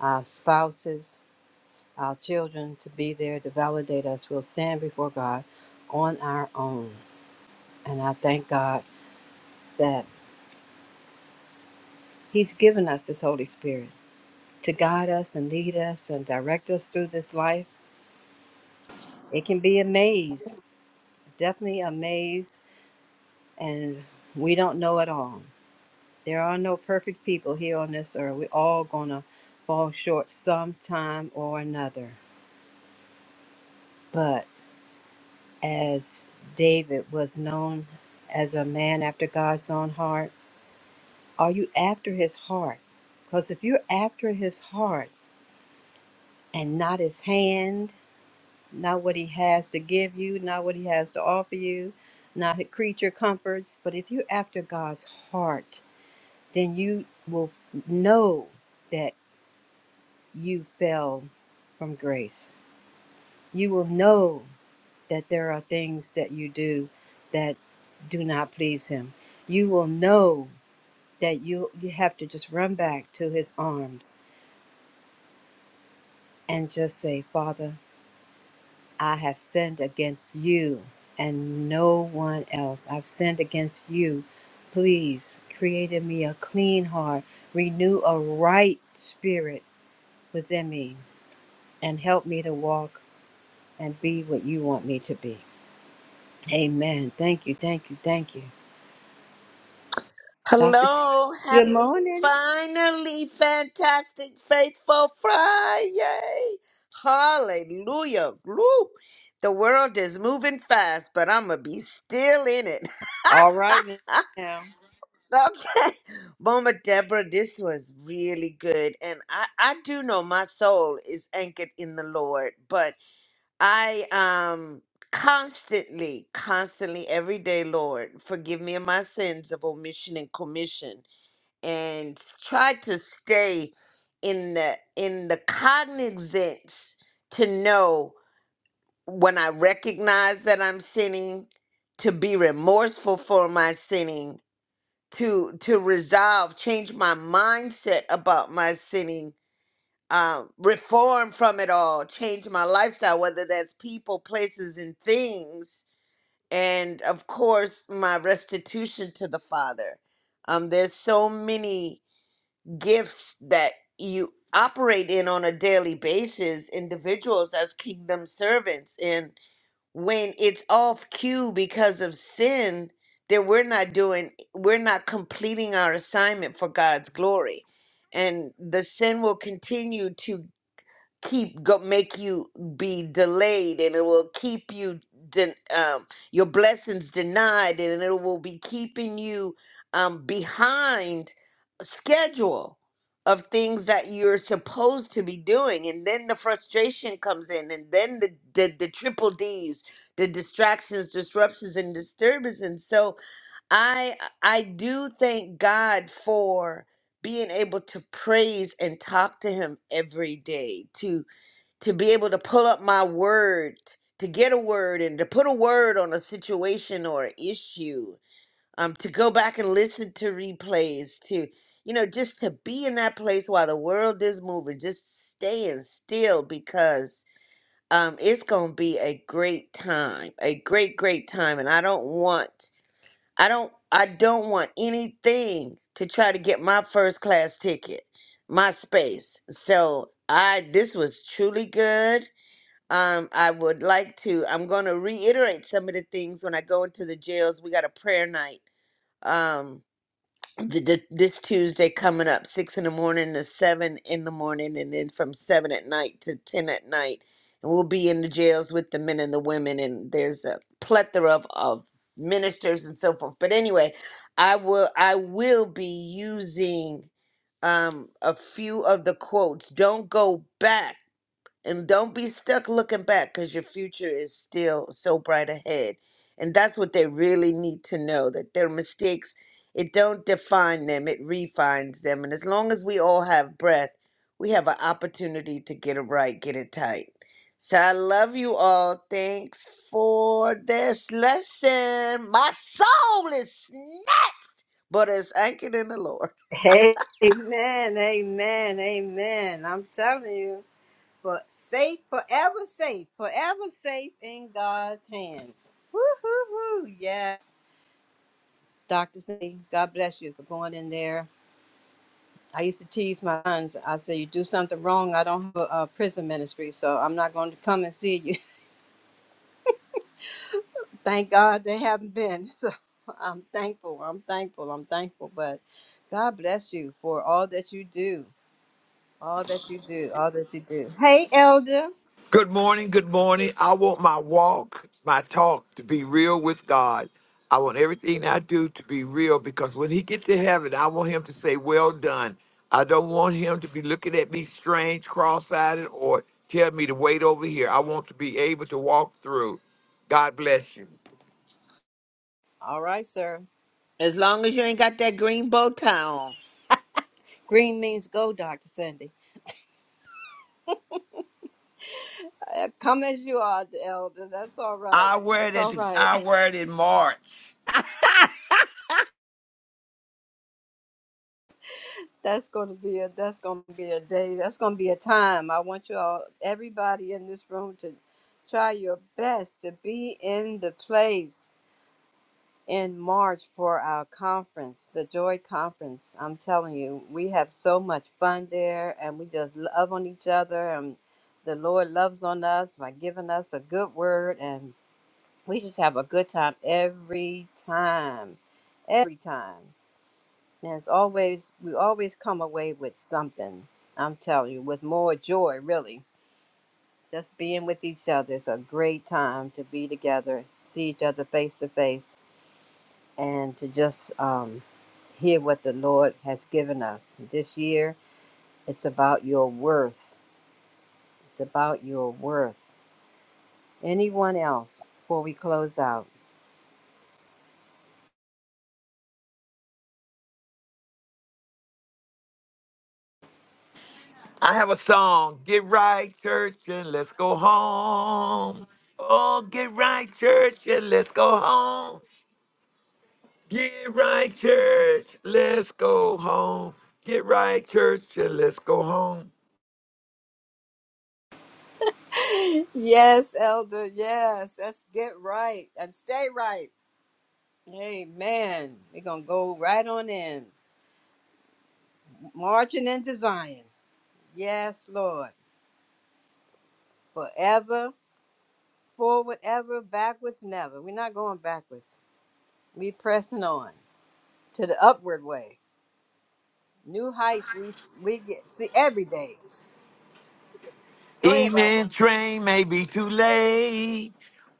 our spouses, our children to be there to validate us. We'll stand before God on our own. And I thank God that He's given us His Holy Spirit to guide us and lead us and direct us through this life. It can be a maze, definitely a maze, and we don't know it all. There are no perfect people here on this earth. We're all going to fall short sometime or another. but. as David was known as a man after God's own heart? Are you after his heart? Because if you're after his heart and not his hand, not what he has to give you, not what he has to offer you, not his creature comforts, but if you're after God's heart, then you will know that you fell from grace you will know that there are things that you do that do not please him. You will know that you you have to just run back to his arms and just say, "Father, I have sinned against you and no one else. I've sinned against you. Please create in me a clean heart, renew a right spirit within me, and help me to walk and be what you want me to be." Amen. Thank you. Thank you. Thank you. Doctor. Hello, Good happy morning. finally fantastic faithful Friday. Hallelujah. Woo. The world is moving fast, but I'm going to be still in it. All right now. okay. Mama Deborah, this was really good. And I, I do know my soul is anchored in the Lord, but I um constantly, constantly every day, Lord, forgive me of my sins of omission and commission and s- try to stay in the in the cognizance to know when I recognize that I'm sinning, to be remorseful for my sinning, to to resolve, change my mindset about my sinning, um, reform from it all, change my lifestyle, whether that's people, places, and things, and of course my restitution to the Father. Um, there's so many gifts that you operate in on a daily basis, individuals as kingdom servants. And when it's off cue because of sin, then we're not doing, we're not completing our assignment for God's glory. And the sin will continue to keep go make you be delayed and it will keep you de- um, your blessings denied and it will be keeping you um, behind schedule of things that you're supposed to be doing and then the frustration comes in and then the the, the triple d's the distractions disruptions and disturbances and so i i do thank god for being able to praise and talk to him every day to to be able to pull up my word, to get a word and to put a word on a situation or an issue, um, to go back and listen to replays, to, you know, just to be in that place while the world is moving, just staying still because um, it's going to be a great time, a great, great time. And I don't want, I don't, I don't want anything to try to get my first class ticket, my space. So I, this was truly good um, I would like to. I'm going to reiterate some of the things when I go into the jails. We got a prayer night um, th- th- this Tuesday coming up, six in the morning to seven in the morning, and then from seven at night to ten at night. And we'll be in the jails with the men and the women, and there's a plethora of, of ministers and so forth. But anyway, I will I will be using um, a few of the quotes. Don't go back and don't be stuck looking back because your future is still so bright ahead and that's what they really need to know that their mistakes it don't define them it refines them and as long as we all have breath we have an opportunity to get it right get it tight so i love you all thanks for this lesson my soul is snapped but it's anchored in the lord Amen. Amen. Amen. I'm telling you, but safe, forever safe, forever safe in God's hands. Woo hoo hoo. Yes. Doctor C, God bless you for going in there. I used to tease my sons. I said, "You do something wrong, I don't have a, a prison ministry, so I'm not going to come and see you." thank God they haven't been. So I'm thankful. I'm thankful. I'm thankful. But God bless you for all that you do. All that you do. All that you do. Hey, Elder. Good morning, good morning. I want my walk, my talk to be real with God. I want everything I do to be real because when he gets to heaven, I want him to say, Well done. I don't want him to be looking at me strange, cross-eyed, or tell me to wait over here. I want to be able to walk through. God bless you. All right, sir. as long as you ain't got that green bow tie on Green means go, Dr. Cindy. Uh, Come as you are, Elder. That's all right. I wear it That's at all the, right. I wear it in March. That's gonna be a that's gonna be a day. That's gonna be a time. I want you all everybody in this room to try your best to be in the place. in March for our conference, the Joy Conference. I'm telling you, we have so much fun there and we just love on each other and the Lord loves on us by giving us a good word and we just have a good time every time. Every time. And it's always we always come away with something. I'm telling you, with more joy really. Just being with each other is a great time to be together, see each other face to face and to just um, hear what the Lord has given us. This year, it's about your worth. It's about your worth. Anyone else before we close out? I have a song, Get Right Church and Let's Go Home. Oh, get right church and let's go home. Get right, church. Let's go home. Get right, church, and let's go home. Yes, Elder. Yes, let's get right and stay right. Amen. We're going to go right on in, marching into Zion. Yes, Lord. Forever, forward, ever, backwards, never. We're not going backwards. we are pressing on to the upward way. New heights we we get, see every day. Go ahead, Elder. Evening train may be too late.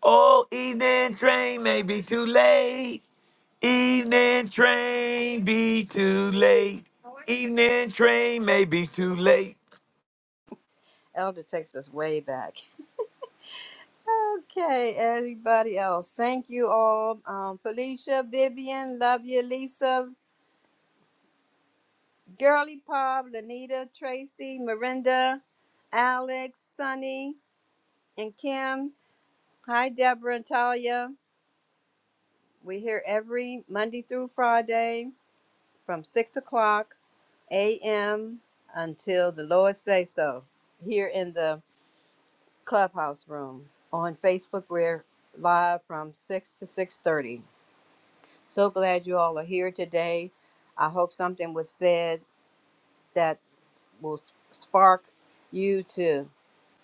Oh, evening train may be too late. Evening train be too late. Evening train may be too late. Elder takes us way back. Okay, anybody else? Thank you all. Um, Felicia, Vivian, love you, Lisa, Girly Pop, Lanita, Tracy, Miranda, Alex, Sunny, and Kim. Hi, Deborah and Talia. We're here every Monday through Friday from 6 o'clock a.m. until the Lord say so here in the Clubhouse Room. On Facebook, we're live from 6 to 6.30. So glad you all are here today. I hope something was said that will s- spark you to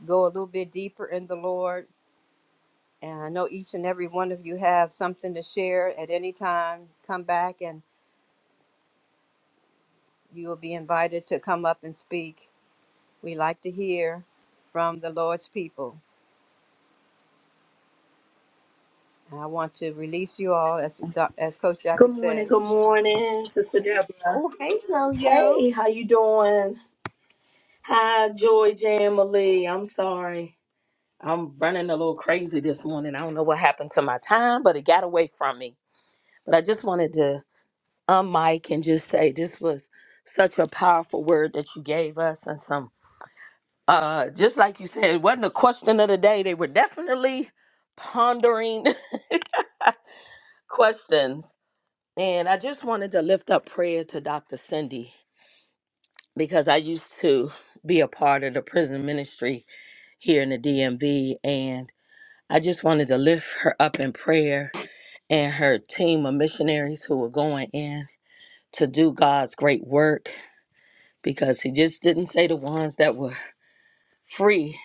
go a little bit deeper in the Lord. And I know each and every one of you have something to share at any time. Come back and you will be invited to come up and speak. We like to hear from the Lord's people. And I want to release you all, as, Doc- as Coach Jackie Good morning, says. good morning, Sister Deborah. Hey, Yo Yo. Hey, how you doing? Hi, Joy Jamily. I'm sorry. I'm running a little crazy this morning. I don't know what happened to my time, but it got away from me. But I just wanted to unmic and just say this was such a powerful word that you gave us and some uh just like you said it wasn't a question of the day they were definitely pondering questions and i just wanted to lift up prayer to dr cindy because i used to be a part of the prison ministry here in the dmv and i just wanted to lift her up in prayer and her team of missionaries who were going in to do god's great work because he just didn't say the ones that were free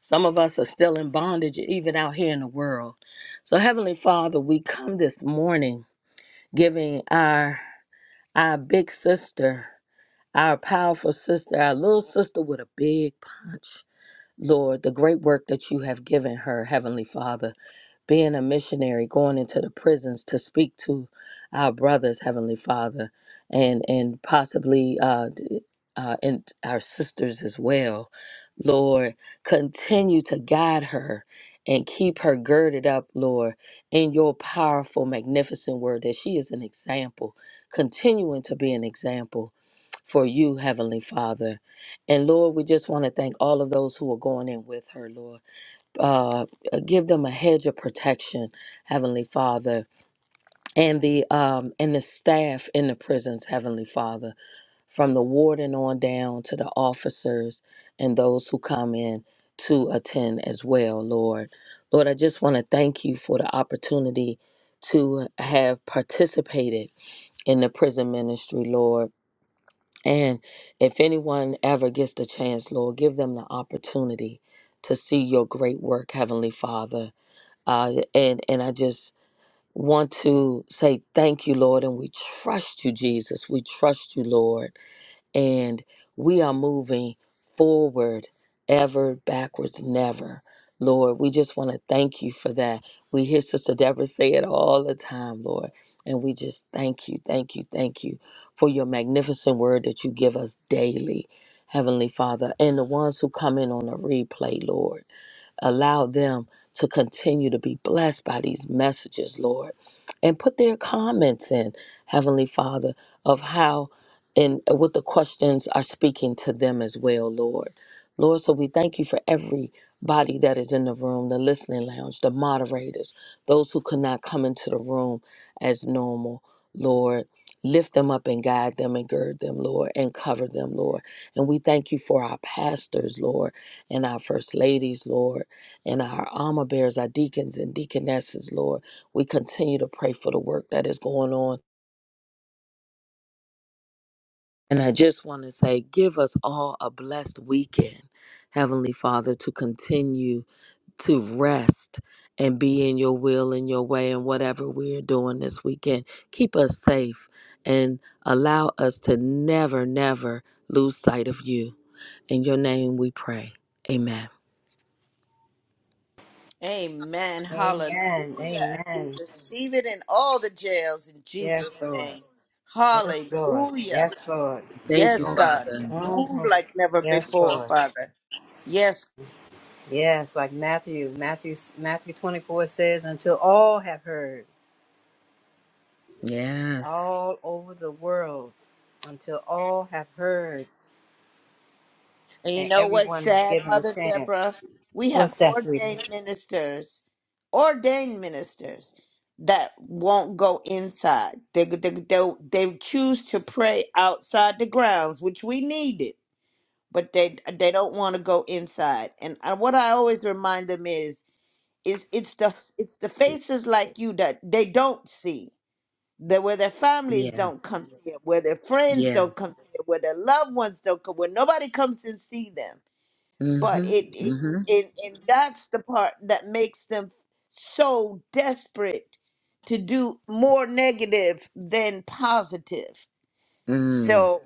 Some of us are still in bondage, even out here in the world. So, Heavenly Father, we come this morning giving our our big sister, our powerful sister, our little sister with a big punch, Lord, the great work that you have given her, Heavenly Father being a missionary, going into the prisons to speak to our brothers, Heavenly Father, and and possibly uh, d- uh, and our sisters as well. Lord, continue to guide her and keep her girded up, Lord, in your powerful, magnificent word that she is an example, continuing to be an example for you, Heavenly Father. And Lord, we just want to thank all of those who are going in with her, Lord uh, uh, give them a hedge of protection, Heavenly Father, and the um, and the staff in the prisons, Heavenly Father, from the warden on down to the officers and those who come in to attend as well, Lord. Lord, I just want to thank you for the opportunity to have participated in the prison ministry, Lord. And if anyone ever gets the chance, Lord, give them the opportunity to see your great work, Heavenly Father uh, and and I just want to say thank you, Lord, and we trust you, Jesus. We trust you, Lord, and we are moving forward, ever backwards, never. Lord, we just want to thank you for that. We hear Sister Deborah say it all the time, Lord. And we just thank you, thank you, thank you for your magnificent word that you give us daily, Heavenly Father, and the ones who come in on a replay, Lord. Allow them to continue to be blessed by these messages, Lord. And put their comments in, Heavenly Father, of how and what the questions are speaking to them as well, Lord. Lord, so we thank you for every body that is in the room, the listening lounge, the moderators, those who could not come into the room as normal, Lord. Lift them up and guide them and gird them, Lord, and cover them, Lord. And we thank you for our pastors, Lord, and our first ladies, Lord and our armor bearers, our deacons and deaconesses, Lord. We continue to pray for the work that is going on. And I just want to say, give us all a blessed weekend, Heavenly Father, to continue to rest and be in your will and your way and whatever we're doing this weekend. Keep us safe and allow us to never, never lose sight of you. In your name we pray. Amen. Amen. Hallelujah. Amen. And we Amen. receive it in all the jails in Yes, Jesus' Lord. name. Yes, Lord. Hallelujah. Yes, Lord. Amen, Thank you, Yes, y'all. God. Father. Move Mm-hmm. like never Yes, before, Lord. Father. Yes. Yes, like Matthew, Matthew, Matthew 24 says, until all have heard, Yes. all over the world, until all have heard, And you and know what's everyone is sad, given a Mother chance. Deborah? We have What's that, sweetie? ordained ministers, ordained ministers that won't go inside. They, they, they, they choose to pray outside the grounds, which we needed but they they don't want to go inside. And I, what I always remind them is is it's the it's the faces like you that they don't see that where their families Yeah. don't come see it, where their friends Yeah. don't come see it, where their loved ones don't come, where nobody comes to see them. But Mhm. it it Mhm. and, and that's the part that makes them so desperate to do more negative than positive Mm. so,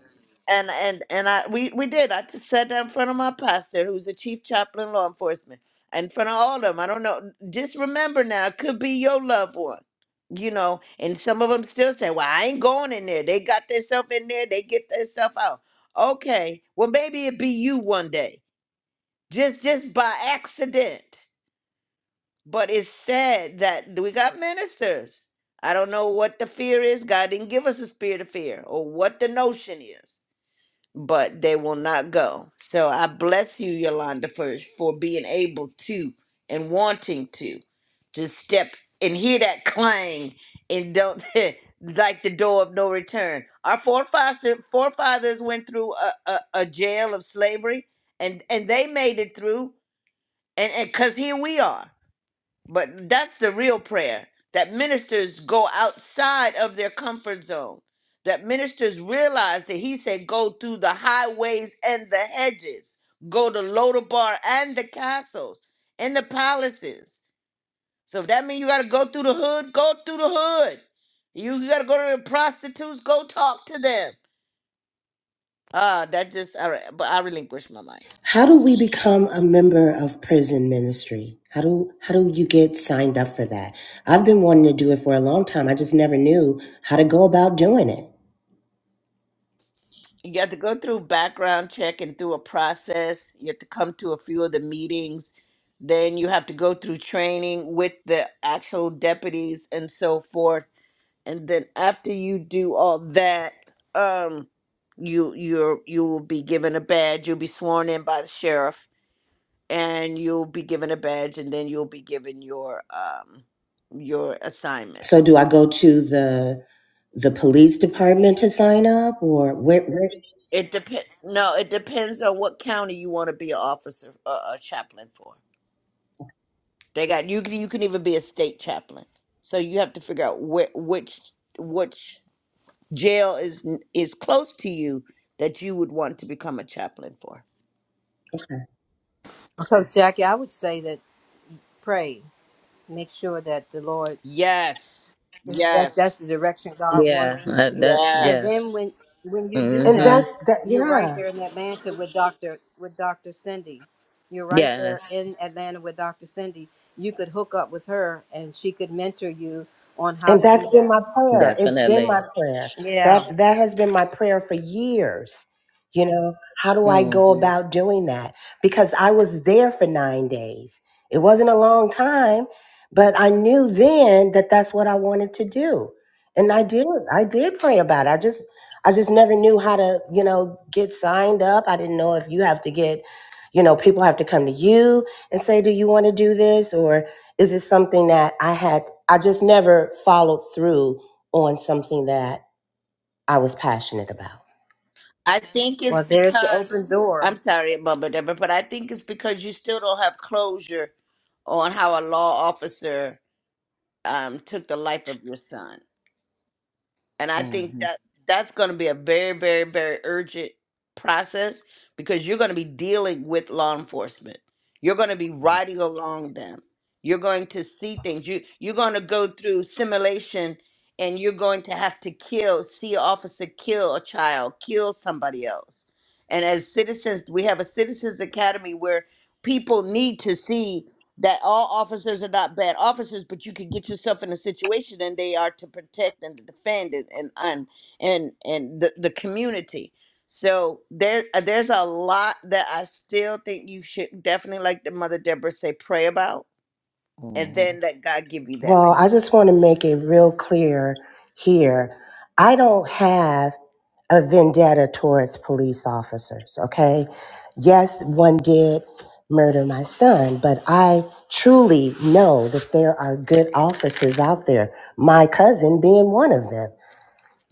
and and and I we we did. I just sat down in front of my pastor, who's the chief chaplain, law enforcement, in front of all of them. I don't know. Just remember now, it could be your loved one. You know, and some of them still say, "Well, I ain't going in there. They got themselves in there. They get themselves out." Okay, well, maybe it be you one day, just just by accident. But it's sad that we got ministers. I don't know what the fear is. God didn't give us a spirit of fear, or what the notion is but they will not go. So I bless you, Yolanda, for, for being able to and wanting to to step and hear that clang and don't like the door of no return. Our forefathers forefathers went through a, a, a jail of slavery and, and they made it through and because here we are. But that's the real prayer that ministers go outside of their comfort zone, that ministers realize that he said, Go through the highways and the hedges, go to Lodabar and the castles and the palaces. So if that means you got to go through the hood, go through the hood. You got to go to the prostitutes, go talk to them. Ah, that just, all right, but I relinquish my mind. How do we become a member of prison ministry? How do how do you get signed up for that? I've been wanting to do it for a long time. I just never knew how to go about doing it. you have to go through background check and through a process. You have to come to a few of the meetings. Then you have to go through training with the actual deputies and so forth. And then after you do all that, um, you you're you will be given a badge. You'll be sworn in by the sheriff, and you'll be given a badge, and then you'll be given your um your So do assignments. I go to the the police department to sign up or where, where? It depends. No, it depends on what county you want to be an officer, uh, a chaplain for. They got you can you can even be a state chaplain. So you have to figure out where, which which jail is n- is close to you that you would want to become a chaplain for. Okay. Coach Jackie, I would say that pray. Make sure that the Lord Yes. if that that's the Yes. direction God wants Yeah. you That, to. that. And Yes. then Yes. when when you do And that, Mhm. that's that you're right yeah. there in Atlanta with Doctor with Doctor Cindy. You're right there Yes. in Atlanta with Doctor Cindy. You could hook up with her, and she could mentor you on how And to that's do been that. my prayer. It's been my Definitely. prayer. Yeah. That that has been my prayer for years. You know, how do I go Mhm. about doing that? Because I was there for 9 days. It wasn't a long time, but I knew then that that's what I wanted to do. And I did. I did pray about it. I just I just never knew how to, you know, get signed up. I didn't know if you have to get, you know, people have to come to you and say, "Do you want to do this?" Is it something that I had, I just never followed through on something that I was passionate about? I think it's Well, there's the because open I'm door, sorry, Mama Deborah, but I think it's because you still don't have closure on how a law officer um, took the life of your son. And I think Mhm. that that's going to be a very, very, very urgent process because you're going to be dealing with law enforcement. You're going to be riding along them. You're going to see things. You you're going to go through simulation and you're going to have to kill, see an officer kill a child, kill somebody else. And as citizens, we have a citizens academy where people need to see that all officers are not bad officers, but you could get yourself in a situation and they are to protect and to defend and and and, and, and the, the community. So there uh, there's a lot that I still think you should definitely like the mother Deborah say pray about and Mhm. then let God give you that Well, I just peace. want to make it real clear here. I don't have a vendetta towards police officers, okay? Yes, one did murder my son, but I truly know that there are good officers out there, my cousin being one of them,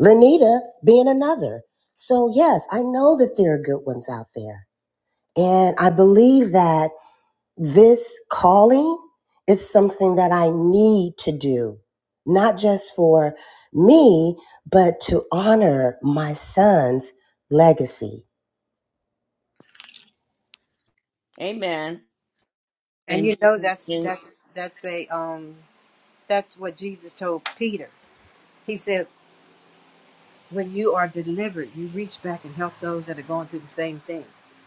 Lanita being another. So, yes, I know that there are good ones out there. And I believe that this calling is something that I need to do, not just for me, but to honor my son's legacy. Amen. and And you you, know that's and, that's that's a um that's what Jesus told Peter. He said, when you are delivered, you reach back and help those that are going through the same thing.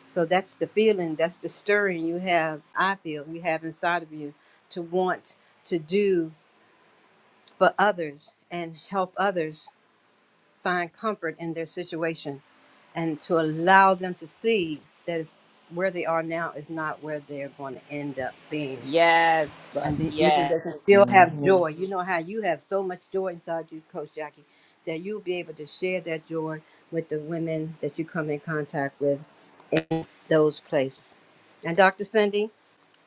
So that's the feeling, that's the stirring you have, I feel, you have inside of you to want to do for others and help others find comfort in their situation and to allow them to see that it's, where they are now is not where they're going to end up being Yes, but and then even yeah. they can still have Mhm. joy. You know how you have so much joy inside you, Coach Jackie, that you'll be able to share that joy with the women that you come in contact with in those places. And Dr. Cindy,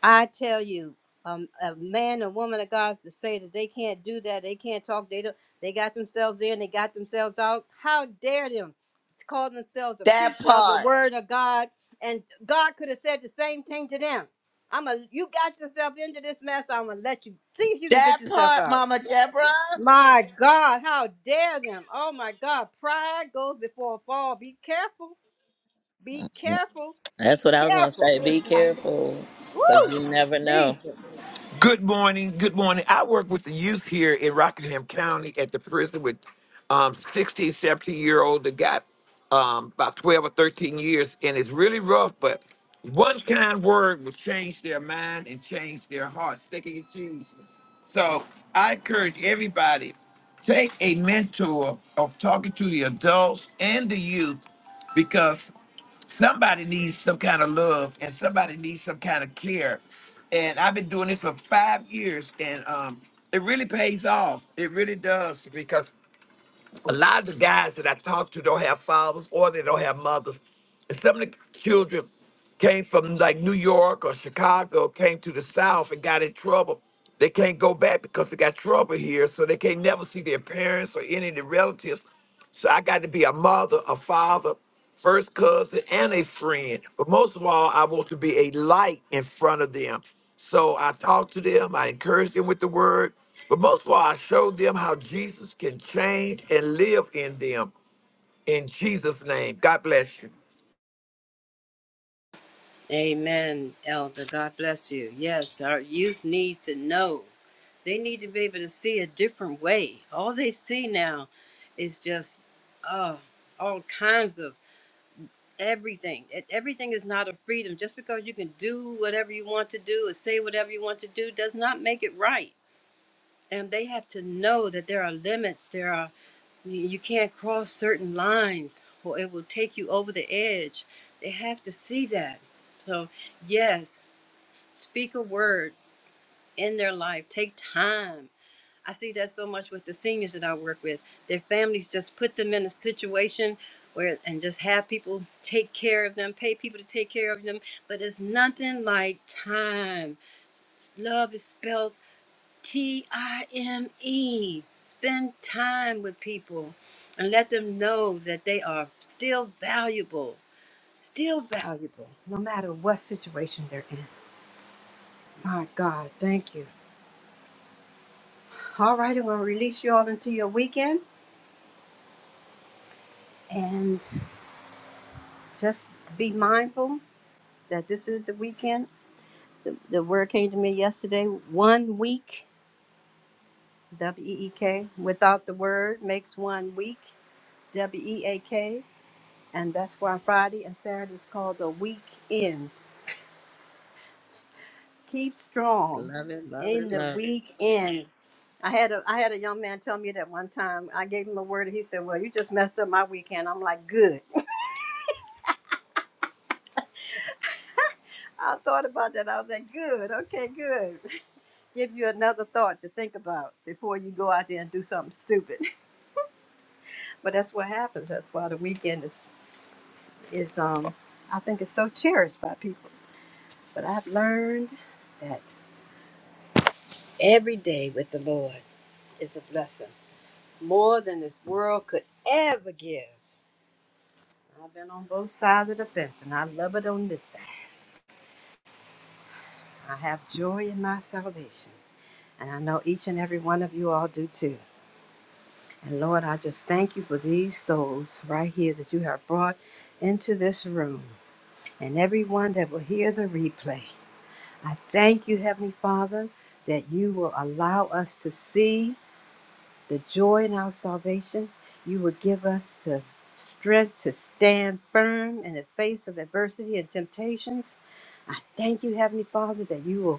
I tell you, um, a man and woman of God to say that they can't do that, they can't talk, they don't, they got themselves in, they got themselves out. How dare them to call themselves a That preacher of the part. word of God? And God could have said the same thing to them. I'm a, you got yourself into this mess. I'm gonna let you see if you can That get yourself part, out. Mama Deborah. My God, how dare them? Oh my God, pride goes before a fall. Be careful. Be careful. That's Be what I was gonna careful. say. Be careful, cause you never know. Jesus. Good morning. Good morning. I work with the youth here in Rockingham County at the prison with um, 16, seventeen year old that got um, about 12 or 13 years, and it's really rough, but one kind word will change their mind and change their hearts. They can choose. So I encourage everybody take a mentor of talking to the adults and the youth because somebody needs some kind of love and somebody needs some kind of care. And I've been doing this for five years and um, it really pays off. It really does because a lot of the guys that I talk to don't have fathers or they don't have mothers. And some of the children came from like New York or Chicago, came to the South and got in trouble. They can't go back because they got trouble here, so they can't never see their parents or any of their relatives. So I got to be a mother, a father, first cousin, and a friend. But most of all, I want to be a light in front of them. So I talk to them, I encourage them with the word, but most of all, I show them how Jesus can change and live in them. In Jesus' name, God bless you. Amen, Elder. God bless you. Yes, our youth need to know. They need to be able to see a different way. All they see now is just uh, all kinds of everything. And Everything is not a freedom. Just because you can do whatever you want to do or say whatever you want to do does not make it right. And they have to know that there are limits. There are you you can't cross certain lines, or it will take you over the edge. They have to see that. So yes speak a word in their life take time i see that so much with the seniors that i work with their families just put them in a situation where and just have people take care of them pay people to take care of them but it's nothing like time love is spelled t-i-m-e spend time with people and let them know that they are still valuable still valuable no matter what situation they're in my god thank you All right, I'm going to release you all into your weekend and just be mindful that this is the weekend. The, the word came to me yesterday one week, W E E K. Without the word makes one week, W E A K. And that's why Friday and Saturday is called the weekend. Keep strong Love it. Love in it. the Love it. weekend. I had a I had a young man tell me that one time. I gave him a word and he said, Well, you just messed up my weekend. I'm like, Good. I thought about that. I was like, good, okay, good. Give you another thought to think about before you go out there and do something stupid. But that's what happens. That's why the weekend is, is um, I think it's so cherished by people. But I've learned that every day with the Lord is a blessing, more than this world could ever give. I've been on both sides of the fence, and I love it on this side. I have joy in my salvation, and I know each and every one of you all do too. And Lord, I just thank you for these souls right here that you have brought into this room and everyone that will hear the replay. I thank you, Heavenly Father, that you will allow us to see the joy in our salvation. You will give us the strength to stand firm in the face of adversity and temptations. I thank you, Heavenly Father, that you will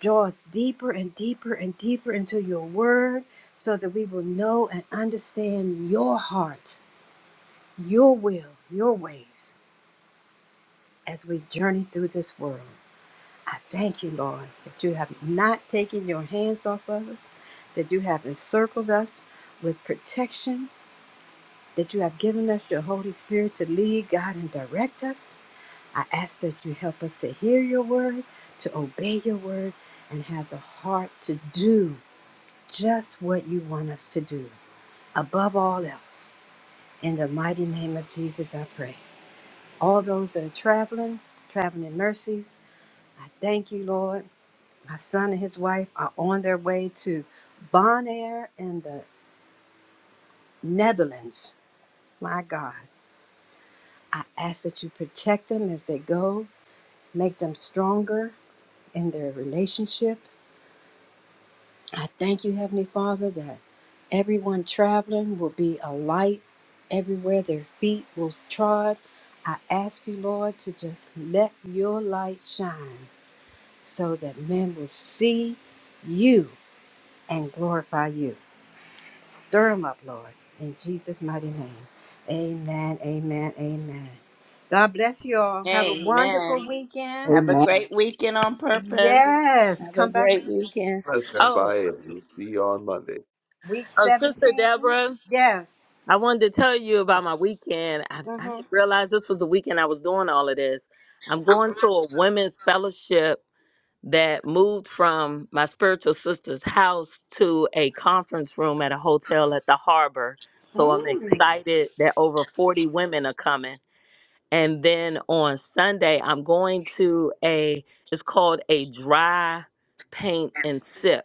draw us deeper and deeper and deeper into your word so that we will know and understand your heart, your will, your ways as we journey through this world. I thank you, Lord, that you have not taken your hands off of us, that you have encircled us with protection, that you have given us your Holy Spirit to lead, guide, and direct us. I ask that you help us to hear your word, to obey your word, and have the heart to do just what you want us to do above all else. In the mighty name of Jesus, I pray. All those that are traveling, traveling in mercies, I thank you, Lord. My son and his wife are on their way to Bonaire in the Netherlands. My God, I ask that you protect them as they go, make them stronger in their relationship, I thank you, Heavenly Father, that everyone traveling will be a light everywhere their feet will trod. I ask you, Lord, to just let your light shine so that men will see you and glorify you. Stir them up, Lord, in Jesus' mighty name. Amen, amen, amen. God bless you all. Have a Amen. wonderful weekend. Have a great weekend on purpose. Yes, have a come back for great weekend. Bless Oh, everybody. and We'll see you on Monday. week oh, Sister 17. Deborah, Yes. I wanted to tell you about my weekend. I, I Mm-hmm. didn't realize this was the weekend I was doing all of this. I'm going to a women's fellowship that moved from my spiritual sister's house to a conference room at a hotel at the harbor. So I'm Mm. excited that over 40 women are coming. And then on Sunday, I'm going to a, it's called a dry paint and sip.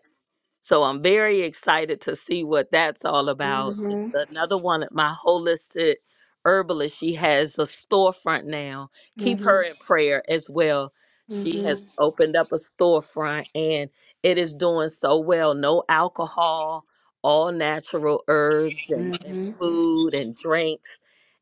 So I'm very excited to see what that's all about. It's Mhm, another one of my holistic herbalist. She has a storefront now. Keep her mhm, in prayer as well. mhm, She mhm, has Mhm. opened up a storefront and it is doing so well. No alcohol, all natural herbs and, and Mhm. food and drinks.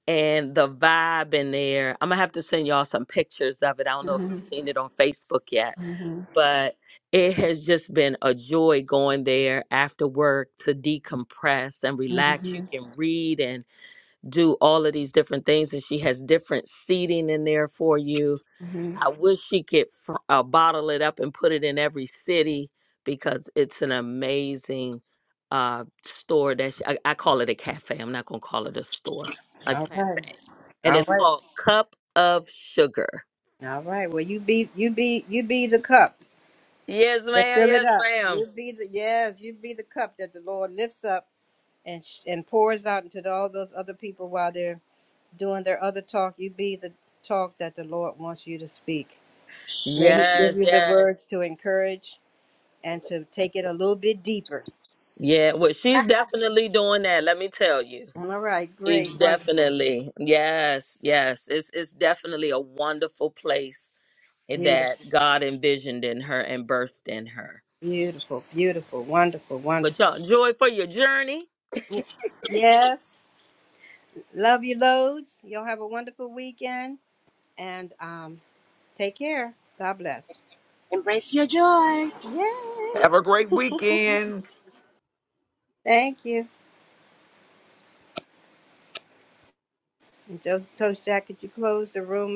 And the vibe in there. I'm gonna have to send y'all some pictures of it. I don't know if you've Mhm. mhm, seen it on Facebook yet mhm, but it has just been a joy going there after work to decompress and relax. You mhm, can read and do all of these different things, and she has different seating in there for you. mhm. I wish she could fr- uh, bottle it up and put it in every city because it's an amazing uh, store that she, I, I call it a cafe. I'm not going to call it a store, a All right, cafe. And all it's right, called Cup of Sugar. all right. Well, you be, you be, you be the cup Yes, that ma'am. fill it Yes, up. ma'am. You be the yes, you be the cup that the Lord lifts up and sh- and pours out into all those other people while they're doing their other talk. You be the talk that the Lord wants you to speak. May He Yes, give you the yes. words to encourage and to take it a little bit deeper Yeah, well, she's definitely doing that. Let me tell you, All right, great, she's wonderful, definitely yes, yes. It's it's definitely a wonderful place that beautiful, God envisioned in her and birthed in her. beautiful, beautiful, wonderful, But wonderful. y'all, joy for your journey. Y- Yes, love you loads. You'll have a wonderful weekend and um, take care. God bless. Embrace your joy. Yes. Have a great weekend. Thank you. And Jo- Coach Jack, could you close the room?